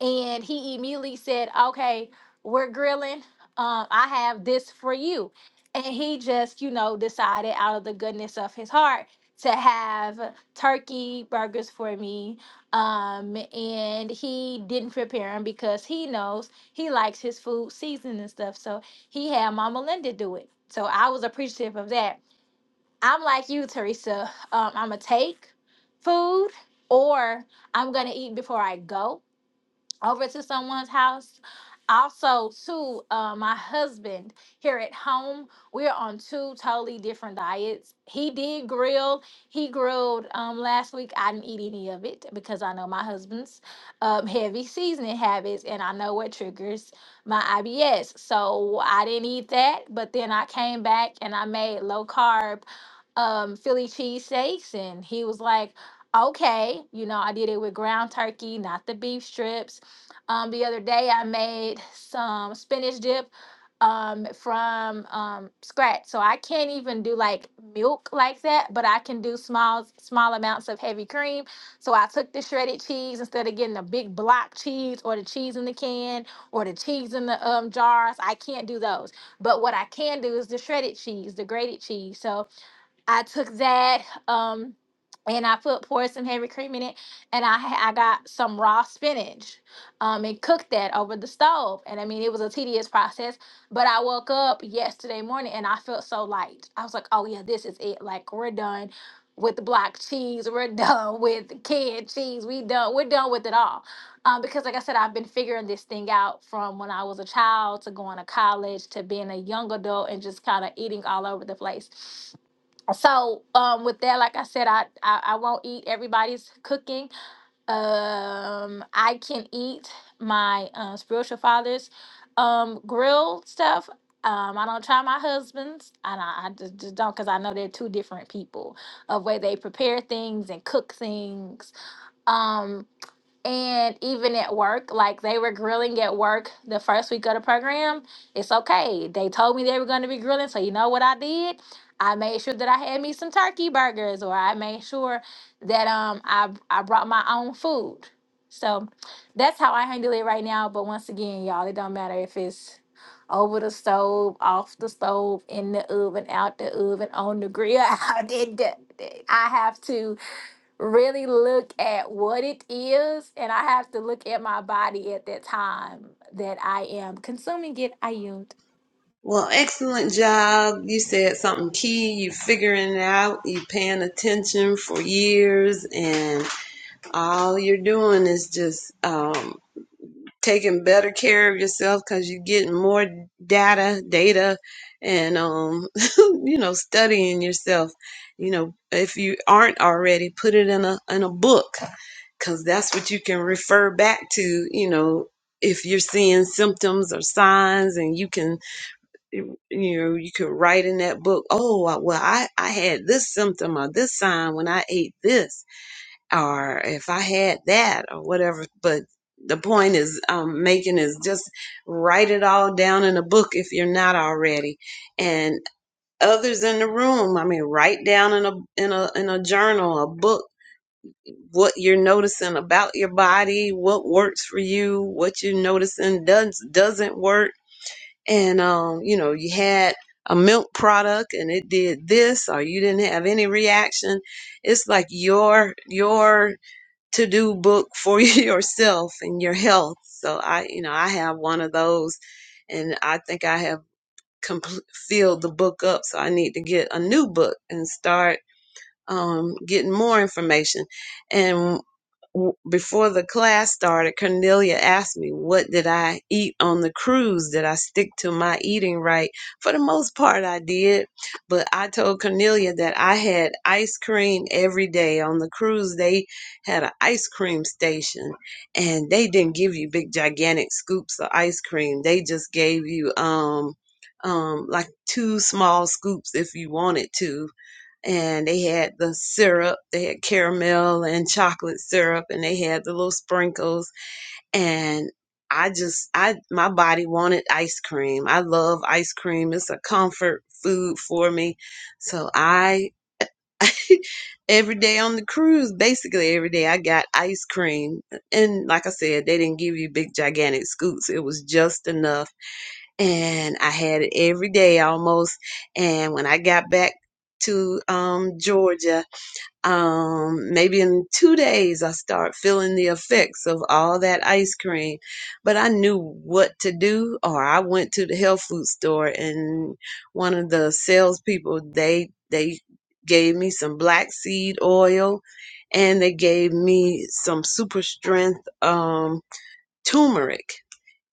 Speaker 5: and he immediately said, Okay, we're grilling. Um, I have this for you. And he just, you know, decided out of the goodness of his heart to have turkey burgers for me. Um, and he didn't prepare them because he knows he likes his food seasoned and stuff. So he had Mama Linda do it. So I was appreciative of that I'm like you, Teresa. Um, I'm gonna take food, or I'm gonna eat before I go over to someone's house. Also, too, uh, my husband here at home, we're on two totally different diets. He did grill. He grilled um, last week. I didn't eat any of it because I know my husband's um, heavy seasoning habits, and I know what triggers my IBS. So I didn't eat that. But then I came back and I made low carb um, Philly cheesesteaks. And he was like, okay, you know, I did it with ground turkey, not the beef strips. Um, the other day, I made some spinach dip um from um scratch so i can't even do like milk like that but i can do small small amounts of heavy cream so i took the shredded cheese instead of getting a big block cheese or the cheese in the can or the cheese in the um jars i can't do those but what i can do is the shredded cheese the grated cheese so I took that um and I put poured some heavy cream in it and I ha- I got some raw spinach um and cooked that over the stove. And I mean it was a tedious process, but I woke up yesterday morning and I felt so light. I was like, "Oh yeah, this is it. Like we're done with the block cheese, we're *laughs* done with the canned cheese. We done we're done with it all." Um because like I said I've been figuring this thing out from when I was a child to going to college to being a young adult and just kind of eating all over the place so um with that like i said i i, I won't eat everybody's cooking um i can eat my uh, spiritual father's um grill stuff um i don't try my husband's and i, I just, just don't because i know they're two different people of way they prepare things and cook things Um and even at work, like they were grilling at work the first week of the program. It's okay. They told me they were going to be grilling. So, you know what I did? I made sure that I had me some turkey burgers, or I made sure that um I, I brought my own food. So that's how I handle it right now. But once again, y'all, it don't matter if it's over the stove, off the stove, in the oven, out the oven, on the grill, *laughs* out in the, I have to really look at what it is and I have to look at my body at that time that I am consuming it. I yield.
Speaker 1: Well, excellent job. You said something key. You figuring it out. You paying attention for years, and all you're doing is just um, taking better care of yourself because you're getting more data data and um *laughs* you know studying yourself you know if you aren't already put it in a in a book because that's what you can refer back to you know if you're seeing symptoms or signs and you can you know you can write in that book oh well i i had this symptom or this sign when i ate this or if I had that or whatever. But the point is um, making is just write it all down in a book if you're not already. And others in the room, I mean, write down in a in a in a journal, a book what you're noticing about your body, what works for you, what you're noticing does doesn't work. And um, you know, you had a milk product and it did this or you didn't have any reaction it's like your your to do book for *laughs* yourself and your health. So I, you know, I have one of those and I think I have compl- filled the book up. So I need to get a new book and start um, getting more information. And w- before the class started, Cornelia asked me, What did I eat on the cruise? Did I stick to my eating right? For the most part, I did. But I told Cornelia that I had ice cream every day. On the cruise, they had an ice cream station, and they didn't give you big, gigantic scoops of ice cream. They just gave you, um, um, like two small scoops if you wanted to, and they had the syrup. They had caramel and chocolate syrup, and they had the little sprinkles. And I just, I my body wanted ice cream. I love ice cream. It's a comfort food for me. So I. *laughs* every day on the cruise, basically every day, I got ice cream. And like I said, they didn't give you big, gigantic scoops. It was just enough. And I had it every day almost. And when I got back to um, Georgia, um, maybe in two days I start feeling the effects of all that ice cream. But I knew what to do, or I went to the health food store and one of the salespeople they they gave me some black seed oil and they gave me some super strength um, turmeric,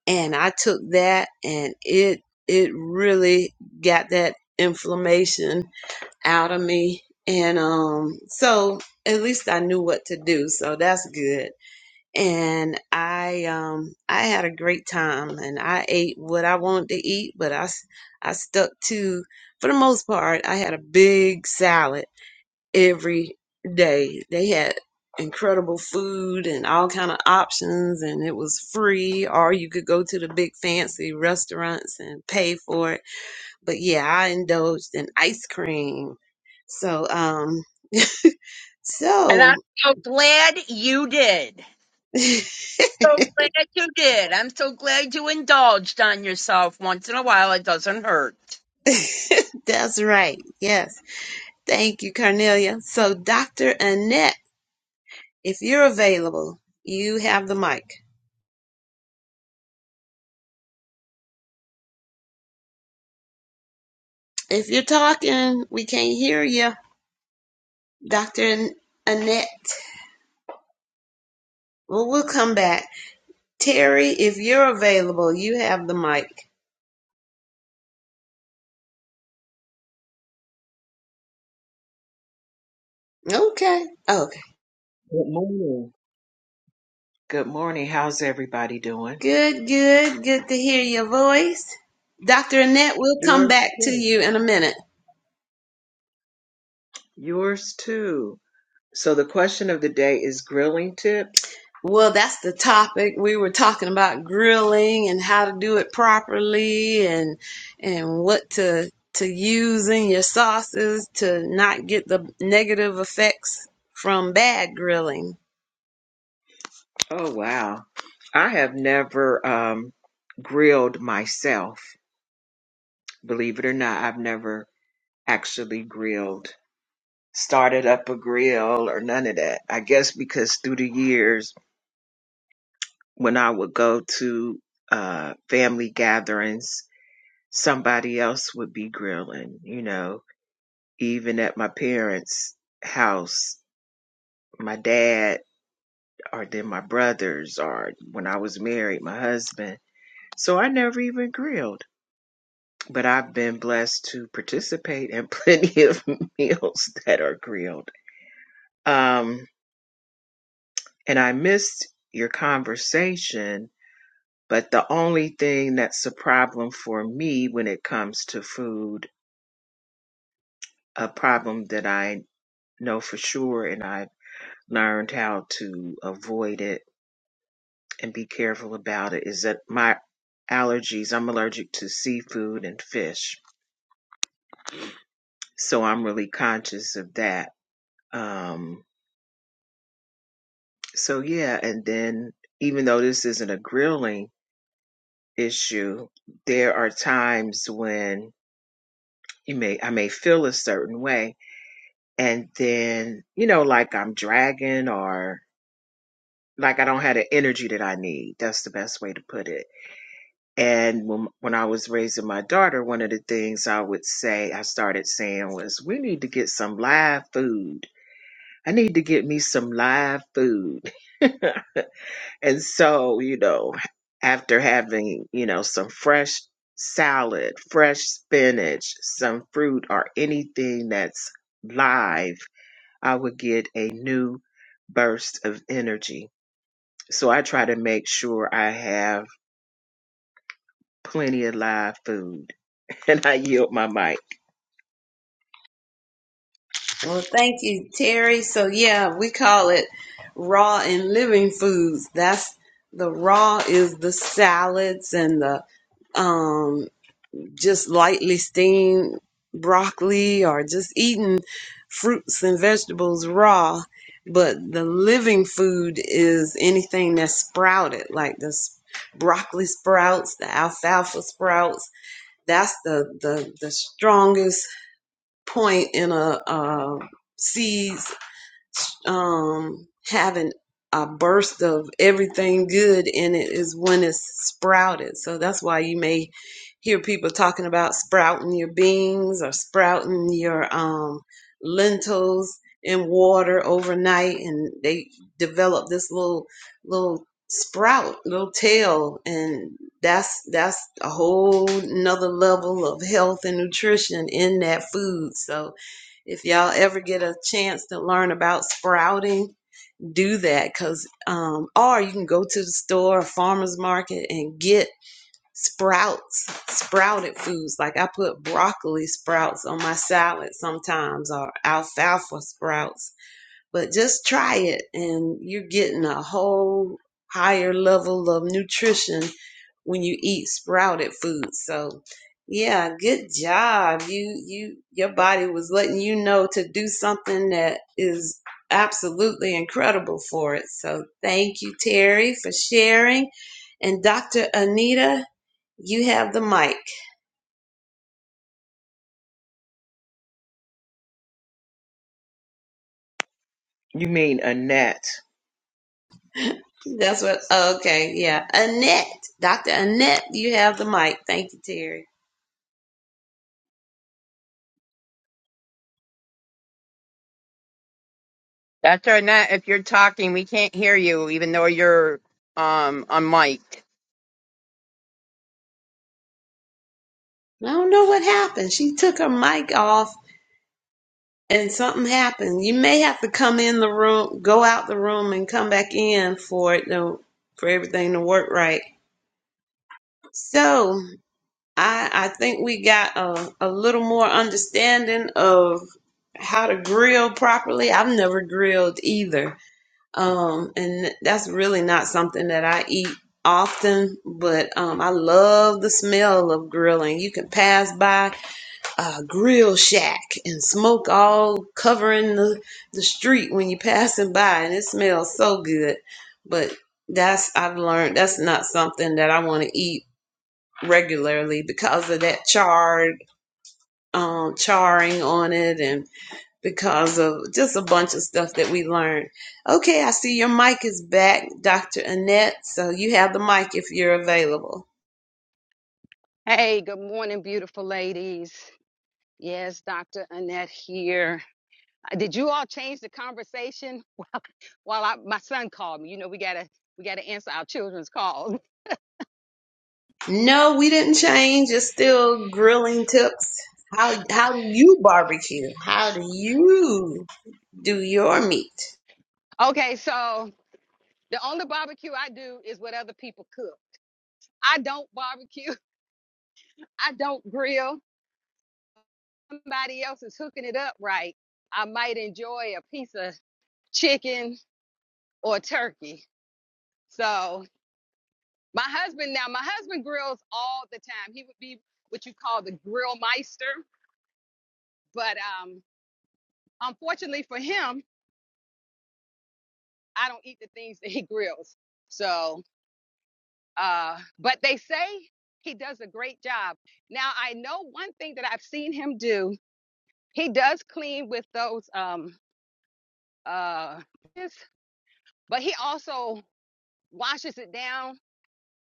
Speaker 1: and I took that and it it really got that inflammation out of me. And um, so at least I knew what to do. So that's good. And I um, I had a great time and I ate what I wanted to eat, but I, I stuck to, for the most part, I had a big salad every day. They had incredible food and all kind of options and it was free or you could go to the big fancy restaurants and pay for it but yeah, I indulged in ice cream. So, um, *laughs*
Speaker 2: And I'm
Speaker 1: so
Speaker 2: so glad you did.
Speaker 1: *laughs*
Speaker 2: So glad you did. I'm so glad you indulged on yourself once in a while. It doesn't hurt.
Speaker 1: that's right. Yes. Thank you, Carnelia. So, Dr. Annette, if you're available, you have the mic. If you're talking, we can't hear you. Dr. An- Annette, well, we'll come back. Terry, if you're available, you have the mic. Okay. Okay.
Speaker 6: Good morning. Good morning. How's everybody doing?
Speaker 1: Good, good, good to hear your voice. Dr. Annette, we'll come
Speaker 6: Yours
Speaker 1: back to
Speaker 6: too.
Speaker 1: you in a minute.
Speaker 6: Yours too. So the question of the day is grilling tips.
Speaker 1: Well, that's the topic. We were talking about grilling and how to do it properly and and what to to use in your sauces to not get the negative effects from bad grilling.
Speaker 6: Oh wow. I have never um grilled myself. Believe it or not, I've never actually grilled, started up a grill or none of that. I guess because through the years when I would go to uh family gatherings, somebody else would be grilling, you know, even at my parents' house, my dad or then my brothers or when I was married, my husband. So I never even grilled. But I've been blessed to participate in plenty of *laughs* meals that are grilled. Um, and I missed your conversation, but the only thing that's a problem for me when it comes to food, a problem that I know for sure and I learned how to avoid it and be careful about it is that my allergies, I'm allergic to seafood and fish. So I'm really conscious of that. Um, so yeah, and then even though this isn't a grilling issue, there are times when you may, I may feel a certain way and then, you know, like I'm dragging or like I don't have the energy that I need. That's the best way to put it And when, when I was raising my daughter, one of the things I would say, I started saying was, we need to get some live food. I need to get me some live food. *laughs* And so, you know, after having, you know, some fresh salad, fresh spinach, some fruit, or anything that's live, I would get a new burst of energy. So I try to make sure I have plenty of live food. *laughs* And I yield my mic.
Speaker 1: Well, thank you, Terry. So yeah, we call it raw and living foods. That's the raw is the salads and the um. just lightly steamed broccoli or just eating fruits and vegetables raw. But the living food is anything that's sprouted, like the s- broccoli sprouts, the alfalfa sprouts. That's the, the, the strongest point in a, uh seeds um, having a burst of everything good in it is when it's sprouted. So that's why you may hear people talking about sprouting your beans or sprouting your um, lentils in water overnight, and they develop this little little sprout, little tail, and that's that's a whole another level of health and nutrition in that food. So if y'all ever get a chance to learn about sprouting, do that because, um, or you can go to the store or farmer's market and get sprouts, sprouted foods. Like I put broccoli sprouts on my salad sometimes or alfalfa sprouts but just try it and you're getting a whole higher level of nutrition when you eat sprouted food so yeah good job you you your body was letting you know to do something that is absolutely incredible for it so thank you terry for sharing and dr anita you have the mic
Speaker 6: You mean a gnat.
Speaker 1: that's what okay yeah annette dr annette you have the mic thank you terry
Speaker 2: Dr. Annette, if you're talking, we can't hear you, even though you're um unmiked.
Speaker 1: I don't know what happened. She took her mic off and something happened. You may have to come in the room, go out the room and come back in for it to, for everything to work right. So I I think we got a, a little more understanding of how to grill properly. I've never grilled either. Um and that's really not something that I eat often, but um I love the smell of grilling. You can pass by uh, grill shack and smoke all covering the, the street when you're passing by and it smells so good but that's i've learned that's not something that i want to eat regularly because of that charred um, charring on it and because of just a bunch of stuff that we learned okay i see your mic is back dr annette so you have the mic if you're available
Speaker 7: Hey, good morning, beautiful ladies. Yes, Dr. Annette here. Uh, Did you all change the conversation? While I, my son called me, you know, we gotta we gotta answer our children's calls. *laughs*
Speaker 1: No, we didn't change. It's still grilling tips. How how do you barbecue? How do you do your meat?
Speaker 7: Okay, so the only barbecue I do is what other people cook. I don't barbecue. *laughs* I don't grill. Somebody else is hooking it up right. I might enjoy a piece of chicken or turkey. So my husband now, my husband grills all the time. He would be what you call the grill meister But um, unfortunately for him, I don't eat the things that he grills. So, uh, but they say he does a great job. Now, I know one thing that I've seen him do. He does clean with those um uh, but he also washes it down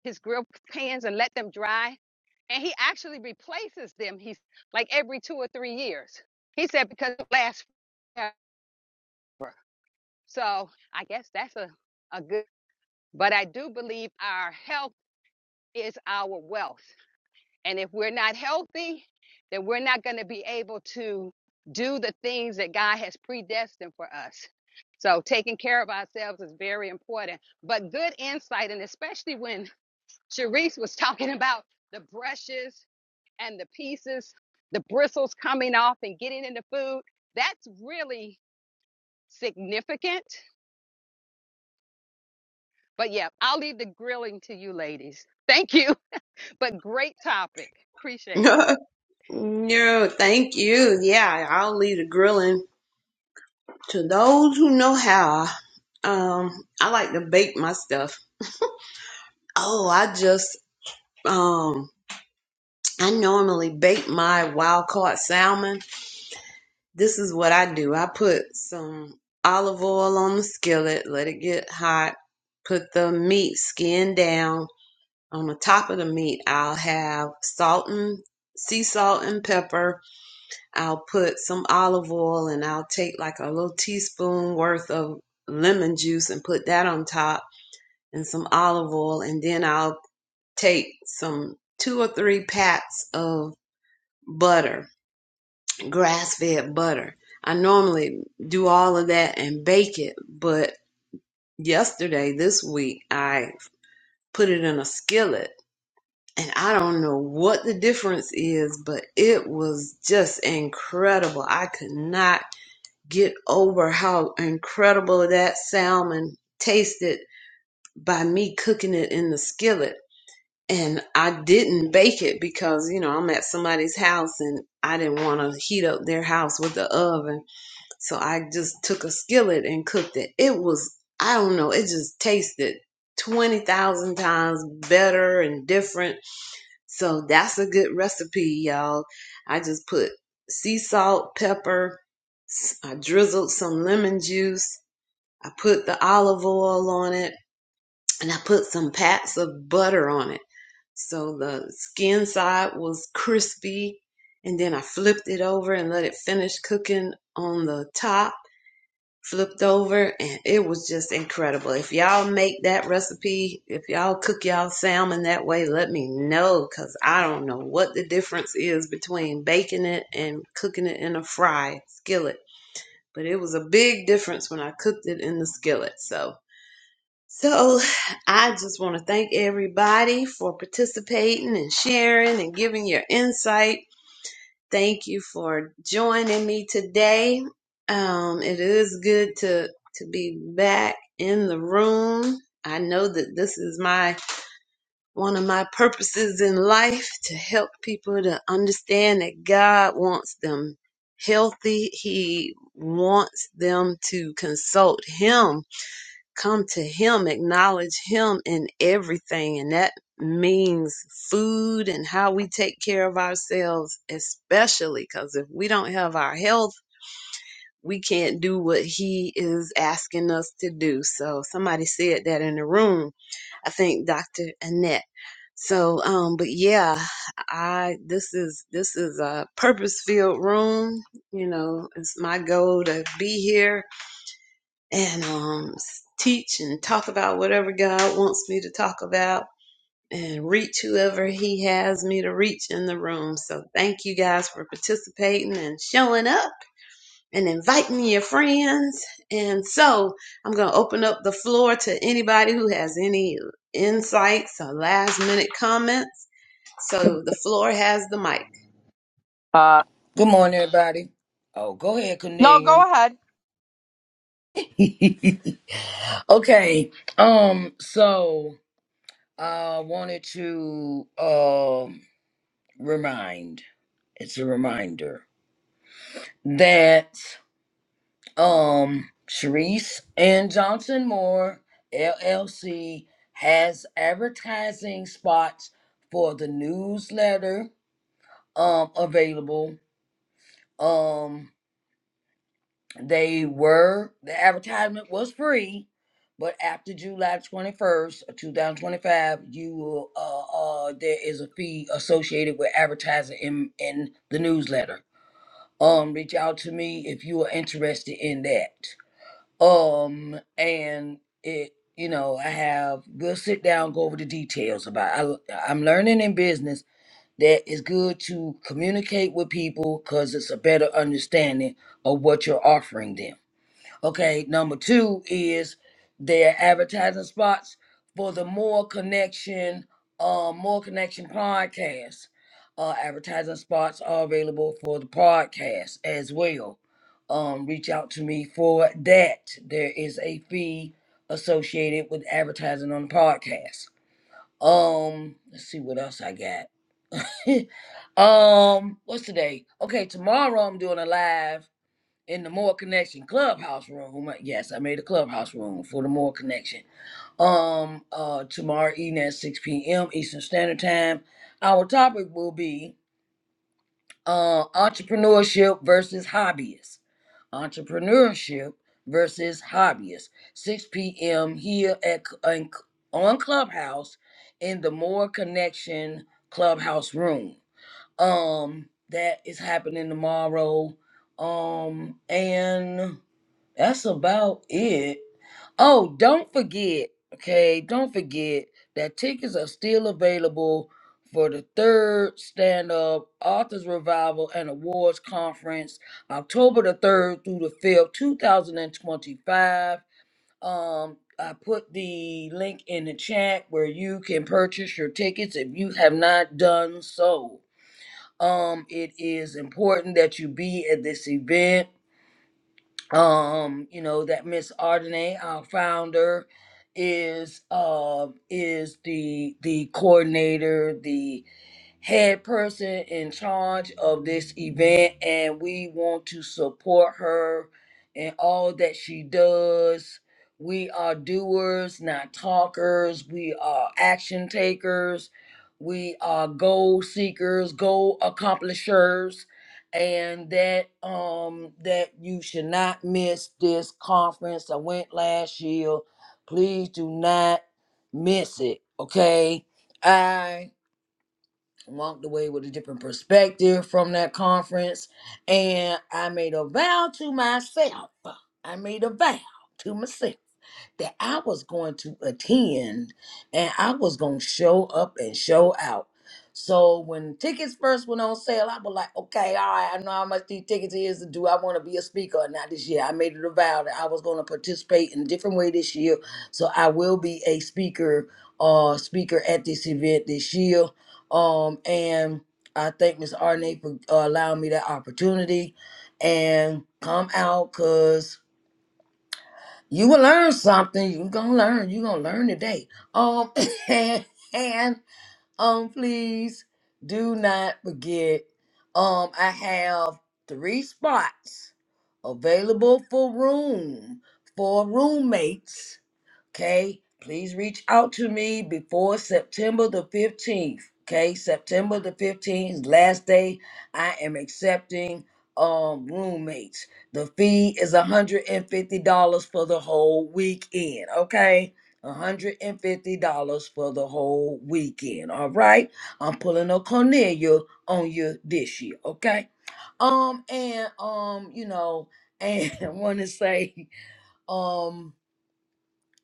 Speaker 7: his grill pans and let them dry. And he actually replaces them. He's like every two or three years. He said because it lasts forever. So I guess that's a a good. But I do believe our health is our wealth. And if we're not healthy, then we're not going to be able to do the things that God has predestined for us. So taking care of ourselves is very important. But good insight, and especially when *laughs* Sharice was talking about the brushes and the pieces, the bristles coming off and getting in the food, that's really significant. But yeah, I'll leave the grilling to you ladies. Thank you. *laughs* but great topic.
Speaker 1: *laughs*
Speaker 7: Appreciate it.
Speaker 1: no, thank you. Yeah, I'll leave the grilling to those who know how. Um, I like to bake my stuff. Oh, I just um I normally bake my wild caught salmon This is what I do. I put some olive oil on the skillet, let it get hot, put the meat skin down. On the top of the meat, I'll have salt and sea salt and pepper. I'll put some olive oil and I'll take like a little teaspoon worth of lemon juice and put that on top and some olive oil and then I'll take some two or three pats of butter grass fed butter. I normally do all of that and bake it, but yesterday, this week, I put it in a skillet and I don't know what the difference is, but it was just incredible. I could not get over how incredible that salmon tasted by me cooking it in the skillet. And I didn't bake it because, you know, I'm at somebody's house and I didn't want to heat up their house with the oven. So I just took a skillet and cooked it. It was, I don't know, it just tasted 20,000 times better and different. So that's a good recipe, y'all. I just put sea salt, pepper, I drizzled some lemon juice, I put the olive oil on it, and I put some pats of butter on it. So the skin side was crispy, and then I flipped it over and let it finish cooking on the top flipped over and it was just incredible. If y'all make that recipe, if y'all cook y'all salmon that way, let me know cuz I don't know what the difference is between baking it and cooking it in a fry skillet. But it was a big difference when I cooked it in the skillet. So so I just want to thank everybody for participating and sharing and giving your insight Thank you for joining me today. Um, it is good to to be back in the room. I know that this is my one of my purposes in life to help people to understand that God wants them healthy. He wants them to consult Him come to him acknowledge him in everything and that means food and how we take care of ourselves especially because if we don't have our health we can't do what he is asking us to do so somebody said that in the room i think dr annette so um but yeah i this is this is a purpose filled room you know it's my goal to be here and um, teach and talk about whatever God wants me to talk about and reach whoever He has me to reach in the room. So thank you guys for participating and showing up and inviting your friends. And so I'm going to open up the floor to anybody who has any insights or last minute comments. So the floor has the mic.
Speaker 2: Uh
Speaker 3: Good morning, everybody. Oh, go ahead,
Speaker 2: no,
Speaker 3: Cornelia.
Speaker 2: go ahead.
Speaker 3: *laughs* Okay. Um, so I wanted to um remind it's a reminder that um Sharice and Johnson Moore LLC has advertising spots for the newsletter um available. Um They were the advertisement was free, but after July twenty first, two thousand twenty five, you will uh uh there is a fee associated with advertising in in the newsletter. Um, reach out to me if you are interested in that. Um, and it you know I have we'll sit down go over the details about. I I'm learning in business that it's good to communicate with people because it's a better understanding of what you're offering them Okay, number two is their advertising spots for the More Connection, uh, More Connection podcast. Uh, advertising spots are available for the podcast as well. Um, reach out to me for that. There is a fee associated with advertising on the podcast. Um, let's see what else I got. *laughs* um, what's today? Okay, tomorrow I'm doing a live in the More Connection Clubhouse room. Yes, I made a clubhouse room for the More Connection. Um, uh, tomorrow evening at 6 p.m. Eastern Standard Time. Our topic will be uh, entrepreneurship versus hobbyists. Entrepreneurship versus hobbyists. 6 p.m. here at on on Clubhouse in the More Connection Clubhouse room. Um, that is happening tomorrow. Um, and that's about it. Oh, don't forget, okay, don't forget that tickets are still available for the third stand up authors revival and awards conference october the 3rd through the 5th 2025 um i put the link in the chat where you can purchase your tickets if you have not done so um it is important that you be at this event um you know that miss Ardenay, our founder is uh is the the coordinator head person in charge of this event, and we want to support her and all that she does. We are doers, not talkers. We are action takers. We are goal seekers, goal accomplishers, and that um that you should not miss this conference. I went last year. Please do not miss it. Okay. I walked away with a different perspective from that conference. And I made a vow to myself. I made a vow to myself that I was going to attend and I was going to show up and show out. So when tickets first went on sale, I was like, okay, all right, I know how much these tickets is. to Do I want to be a speaker or not this year? I made it a vow that I was going to participate in a different way this year. So I will be a speaker, uh, speaker at this event this year. Um, and I thank Miss Arne for uh, allowing me that opportunity and come out because you will learn something. you gonna learn. you gonna learn today. Um *laughs* and and um please do not forget. Um I have three spots available for room for roommates Okay, please reach out to me before September the 15th. Okay, September the 15th, last day. I am accepting um roommates. The fee is $150 for the whole weekend. Okay. $150 for the whole weekend. All right. I'm pulling a Cornelia on you this year. Okay. Um, and um, you know, and *laughs* I want to say, um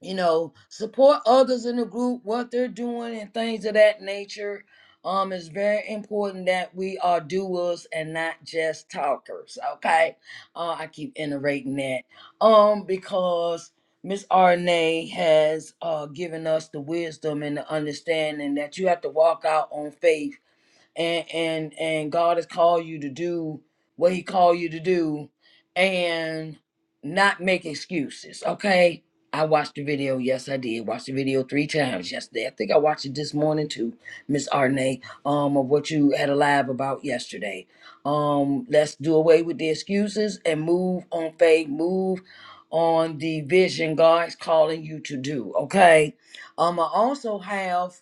Speaker 3: you know, support others in the group, what they're doing, and things of that nature. Um, it's very important that we are doers and not just talkers. Okay, uh, I keep iterating that. Um, because Miss Arne has uh given us the wisdom and the understanding that you have to walk out on faith and and and God has called you to do what He called you to do, and not make excuses. Okay, I watched the video. Yes, I did. watch the video three times yesterday. I think I watched it this morning too, Miss Arne. Um, of what you had a live about yesterday. Um, let's do away with the excuses and move on faith. Move on the vision God's calling you to do. Okay. Um, I also have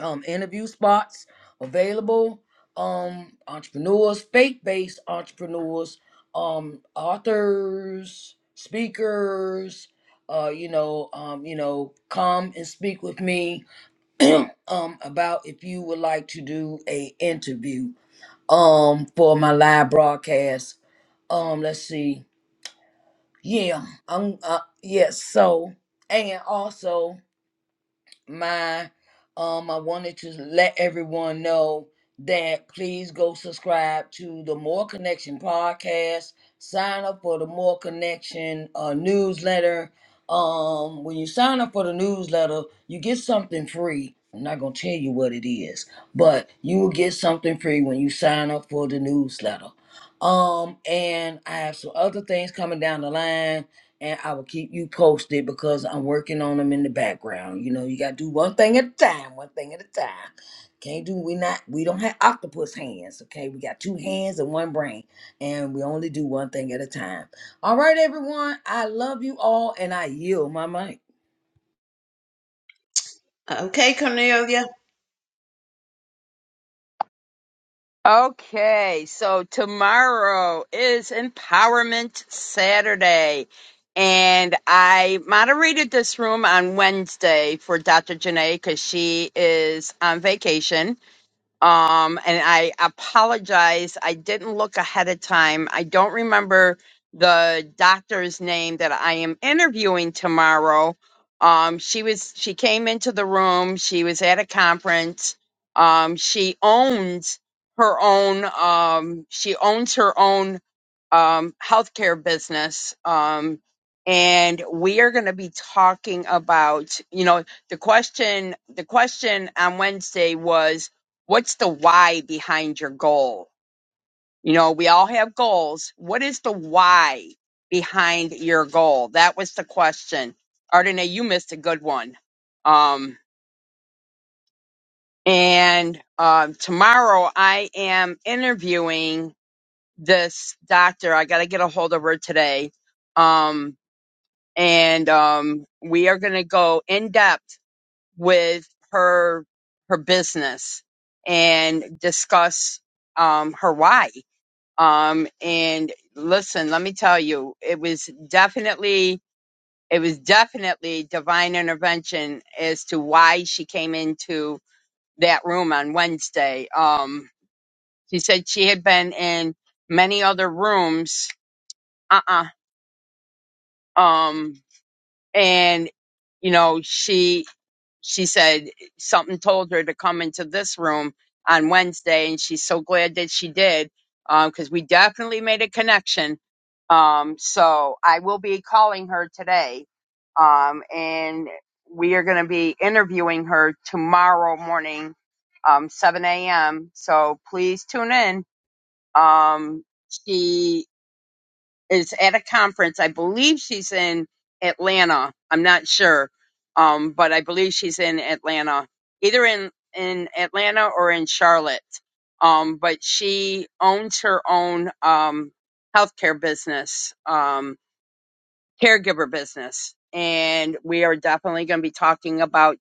Speaker 3: um, interview spots available. Um, entrepreneurs, faith-based entrepreneurs, um, authors, speakers. Uh, you know, um, you know, come and speak with me *clears throat* um, about if you would like to do a interview um for my live broadcast. Um, let's see. Yeah, I'm. Uh, yes. So, and also my um I wanted to let everyone know that please go subscribe to the More Connection podcast. Sign up for the More Connection uh, newsletter. Um, when you sign up for the newsletter, you get something free. I'm not gonna tell you what it is, but you will get something free when you sign up for the newsletter. Um, and I have some other things coming down the line and I will keep you posted because I'm working on them in the background. You know, you gotta do one thing at a time, one thing at a time. Can't do we not we don't have octopus hands, okay? We got two hands and one brain, and we only do one thing at a time. All right, everyone. I love you all and I yield my mic.
Speaker 1: Okay, Cornelia.
Speaker 2: Okay, so tomorrow is Empowerment Saturday. And I moderated this room on Wednesday for Dr. Janae because she is on vacation Um, and I apologize. I didn't look ahead of time. I don't remember the doctor's name that I am interviewing tomorrow. Um, she was she came into the room. She was at a conference. Um, she owns her own. Um, she owns her own um, healthcare business. Um, and we are going to be talking about, you know, the question. The question on Wednesday was what's the why behind your goal? You know, we all have goals. What is the why behind your goal? That was the question. Ardene, you missed a good one. Um, and um, tomorrow I am interviewing this doctor. I got to get a hold of her today. Um, and um, we are going to go in depth with her her business and discuss um, her why Um, and listen, let me tell you, it was definitely, it was definitely divine intervention as to why she came into that room on Wednesday. Um, she said she had been in many other rooms. Uh-uh. Um, and you know, she she said something told her to come into this room on Wednesday, and she's so glad that she did because we definitely made a connection. Um, so I will be calling her today, um, and we are going to be interviewing her tomorrow morning, um, 7 a.m. So please tune in. Um, she is at a conference. I believe she's in Atlanta. I'm not sure, um, but I believe she's in Atlanta, either in in Atlanta or in Charlotte. Um, but she owns her own um, healthcare business. Um, caregiver business. And we are definitely going to be talking about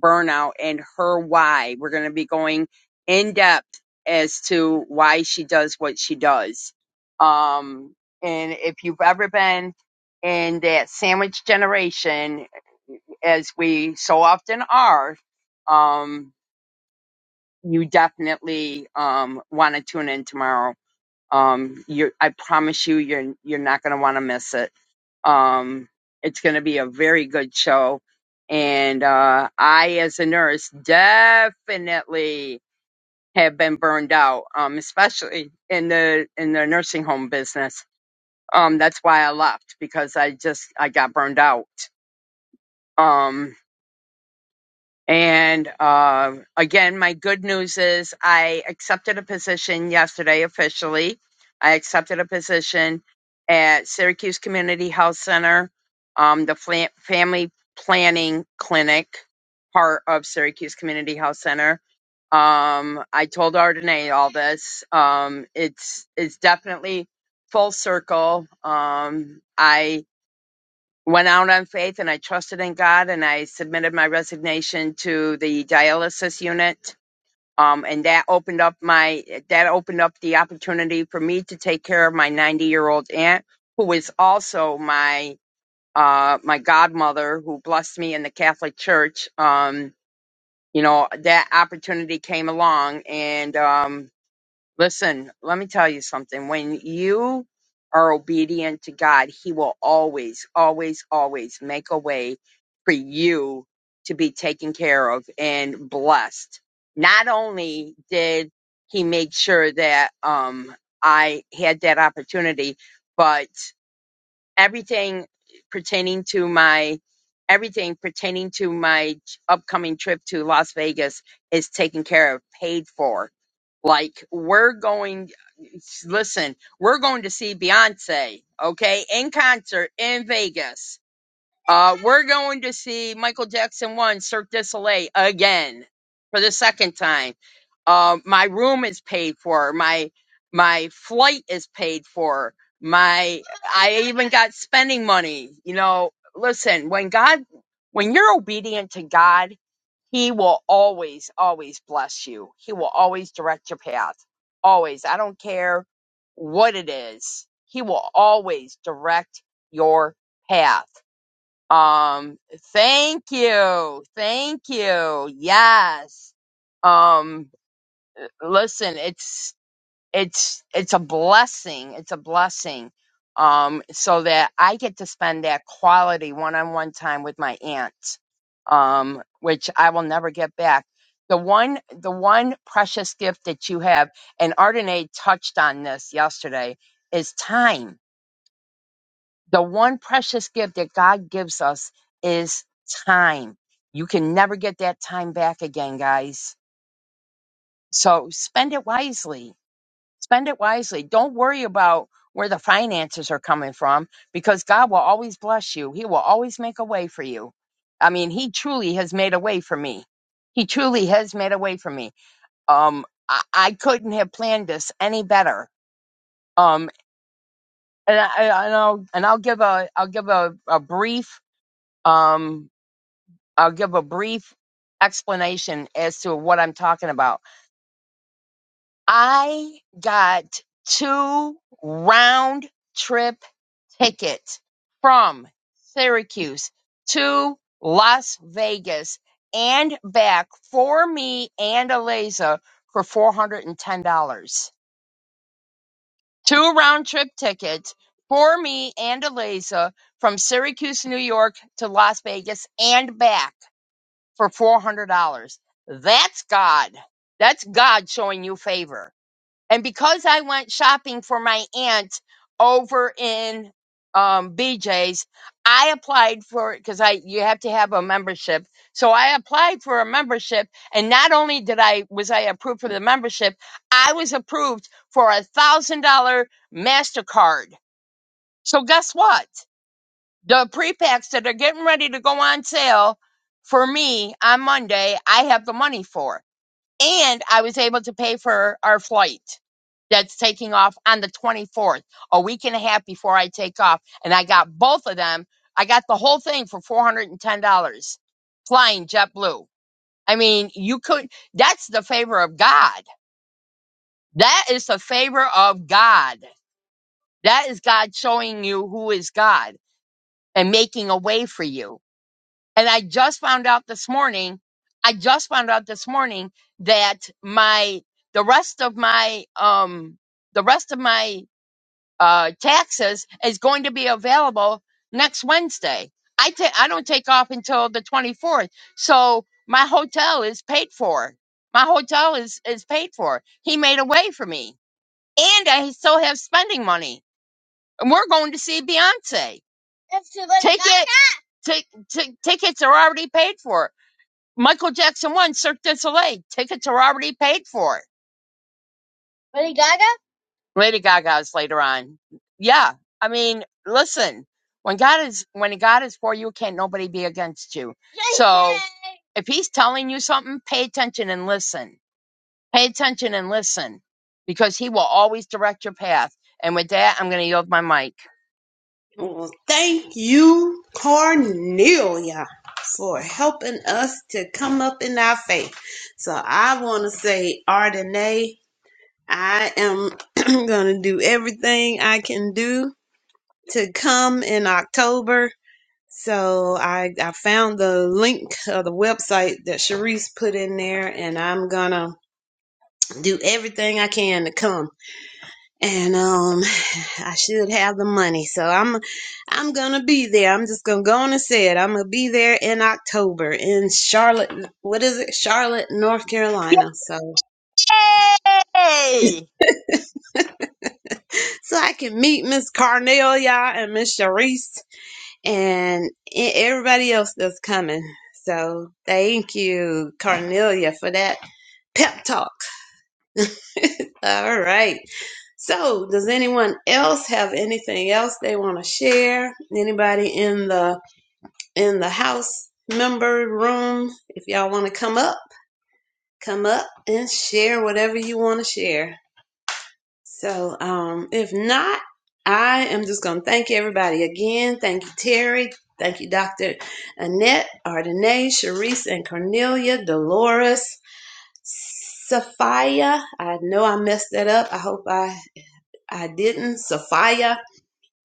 Speaker 2: burnout and her why. We're going to be going in depth as to why she does what she does. Um, and if you've ever been in that sandwich generation, as we so often are, um, you definitely um, want to tune in tomorrow. Um, you, I promise you, you're you're not going to want to miss it. Um, it's going to be a very good show. And uh, I, as a nurse, definitely have been burned out, um, especially in the in the nursing home business. Um, that's why I left because I just I got burned out. Um, And um again, my good news is I accepted a position yesterday officially. I accepted a position at Syracuse Community Health Center, um, the fla- family planning clinic part of Syracuse Community Health Center. Um, I told Ardenae all this. Um, it's it's definitely full circle. Um, I went out on faith and I trusted in God and I submitted my resignation to the dialysis unit. Um, and that opened up my that opened up the opportunity for me to take care of my 90 year old aunt, who is also my uh, my godmother, who blessed me in the Catholic Church. Um, you know that opportunity came along, and um, Listen, let me tell you something. When you are obedient to God, He will always, always, always make a way for you to be taken care of and blessed. Not only did He make sure that um, I had that opportunity, but everything pertaining to my everything pertaining to my upcoming trip to Las Vegas is taken care of, paid for like we're going listen, we're going to see Beyonce, okay, in concert in Vegas. Uh, we're going to see Michael Jackson 1 Cirque du Soleil again for the second time. Uh, my room is paid for. My my flight is paid for. My I even got spending money. You know, listen, when God when you're obedient to God, he will always always bless you. He will always direct your path. Always. I don't care what it is. He will always direct your path um, thank you. Thank you. Yes. Um, listen, it's, it's, it's a blessing. It's a blessing. Um, so that I get to spend that quality one-on-one time with my aunt, um, which I will never get back. The one, the one precious gift that you have, and Ardenae touched on this yesterday, is time the one precious gift that God gives us is time. You can never get that time back again, guys. So spend it wisely. Spend it wisely. Don't worry about where the finances are coming from because God will always bless you. He will always make a way for you. I mean, He truly has made a way for me. He truly has made a way for me. Um, I, I couldn't have planned this any better. Um, and I, I, and I'll and I'll give a I'll give a, a brief. Um, I'll give a brief explanation as to what I'm talking about. I got two round trip tickets from Syracuse to Las Vegas and back for me and Eliza for $410. Two round trip tickets for me and Eliza from Syracuse, New York to Las Vegas and back. for $400. That's God. That's God showing you favor. And because I went shopping for my aunt over in um, BJ's, I applied for because I you have to have a membership. So I applied for a membership, and not only did I was I approved for the membership, I was approved for a thousand dollar Mastercard. So guess what? the pre-packs that are getting ready to go on sale for me on Monday, I have the money for. And I was able to pay for our flight that's taking off on the 24th, a week and a half before I take off. And I got both of them. I got the whole thing for $410 flying JetBlue. I mean, you could, that's the favor of God. That is the favor of God. That is God showing you who is God and making a way for you And I just found out this morning, I just found out this morning that my the rest of my um the rest of my uh taxes is going to be available next Wednesday. I ta- I don't take off until the 24th. So my hotel is paid for. My hotel is is paid for. He made a way for me. And I still have spending money. And we're going to see Beyonce. Ticket, ti- ti- tickets are already paid for. Michael Jackson won Cirque du Soleil. Tickets are already paid for. Lady Gaga? Lady Gaga's later on. Yeah. I mean, listen, when God is when God is for you, can't nobody be against you. Yay! So if he's telling you something, pay attention and listen. Pay attention and listen. Because he will always direct your path. And with that, I'm gonna yield my mic.
Speaker 1: Well, well, thank you, Cornelia, for helping us to come up in our faith. So I want to say, Ardenae, I am *clears throat* going to do everything I can do to come in October. So I, I found the link of the website that Sharice put in there, and I'm going to do everything I can to come and um *sighs* I should have the money. So I'm I'm gonna be there. I'm just gonna go on and say it. I'm gonna be there in October in Charlotte what is it? Charlotte, North Carolina. So
Speaker 2: Yay!
Speaker 1: so I can meet Miss Carnelia and Miss Sharice and e- everybody else that's coming. So thank you, Carnelia, for that pep talk. *laughs* All right. So, does anyone else have anything else they want to share? Anybody in the in the house member room. If y'all want to come up, come up and share whatever you want to share. So, um, if not, I am just going to thank everybody again. Thank you, Terry. Thank you, Dr. Annette, Ardenae, Sharice, and Cornelia, Dolores, Sophia. I know I messed that up. I hope I, I didn't. Sophia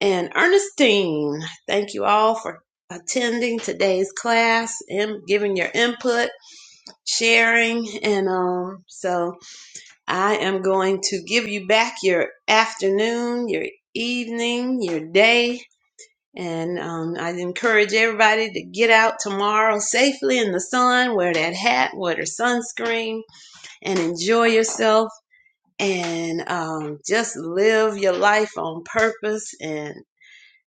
Speaker 1: and Ernestine. Thank you all for attending today's class and giving your input, sharing, and um. So I am going to give you back your afternoon, your evening, your day, and um, I encourage everybody to get out tomorrow safely in the sun, wear that hat, wear the sunscreen, and enjoy yourself. And um, just live your life on purpose and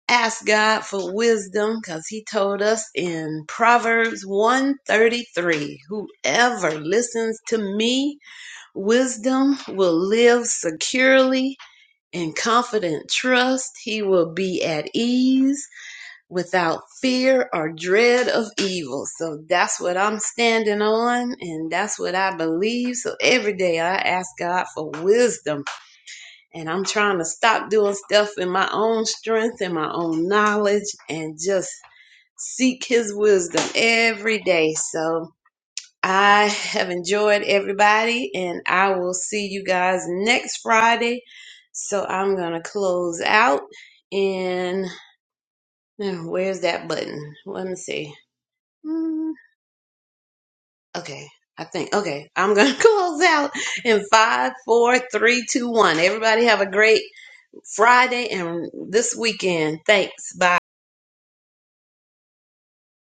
Speaker 1: ask God for wisdom because He told us in Proverbs 133 Whoever listens to me, wisdom will live securely in confident trust. He will be at ease without fear or dread of evil. So that's what I'm standing on and that's what I believe. So every day I ask God for wisdom and I'm trying to stop doing stuff in my own strength and my own knowledge and just seek his wisdom every day. So I have enjoyed everybody and I will see you guys next Friday. So I'm going to close out and now, where's that button? Let me see. Mm, Okay. I think, okay, I'm going to *laughs* close out in five, four, three, two, one. Everybody have a great Friday and this weekend. Thanks. Bye.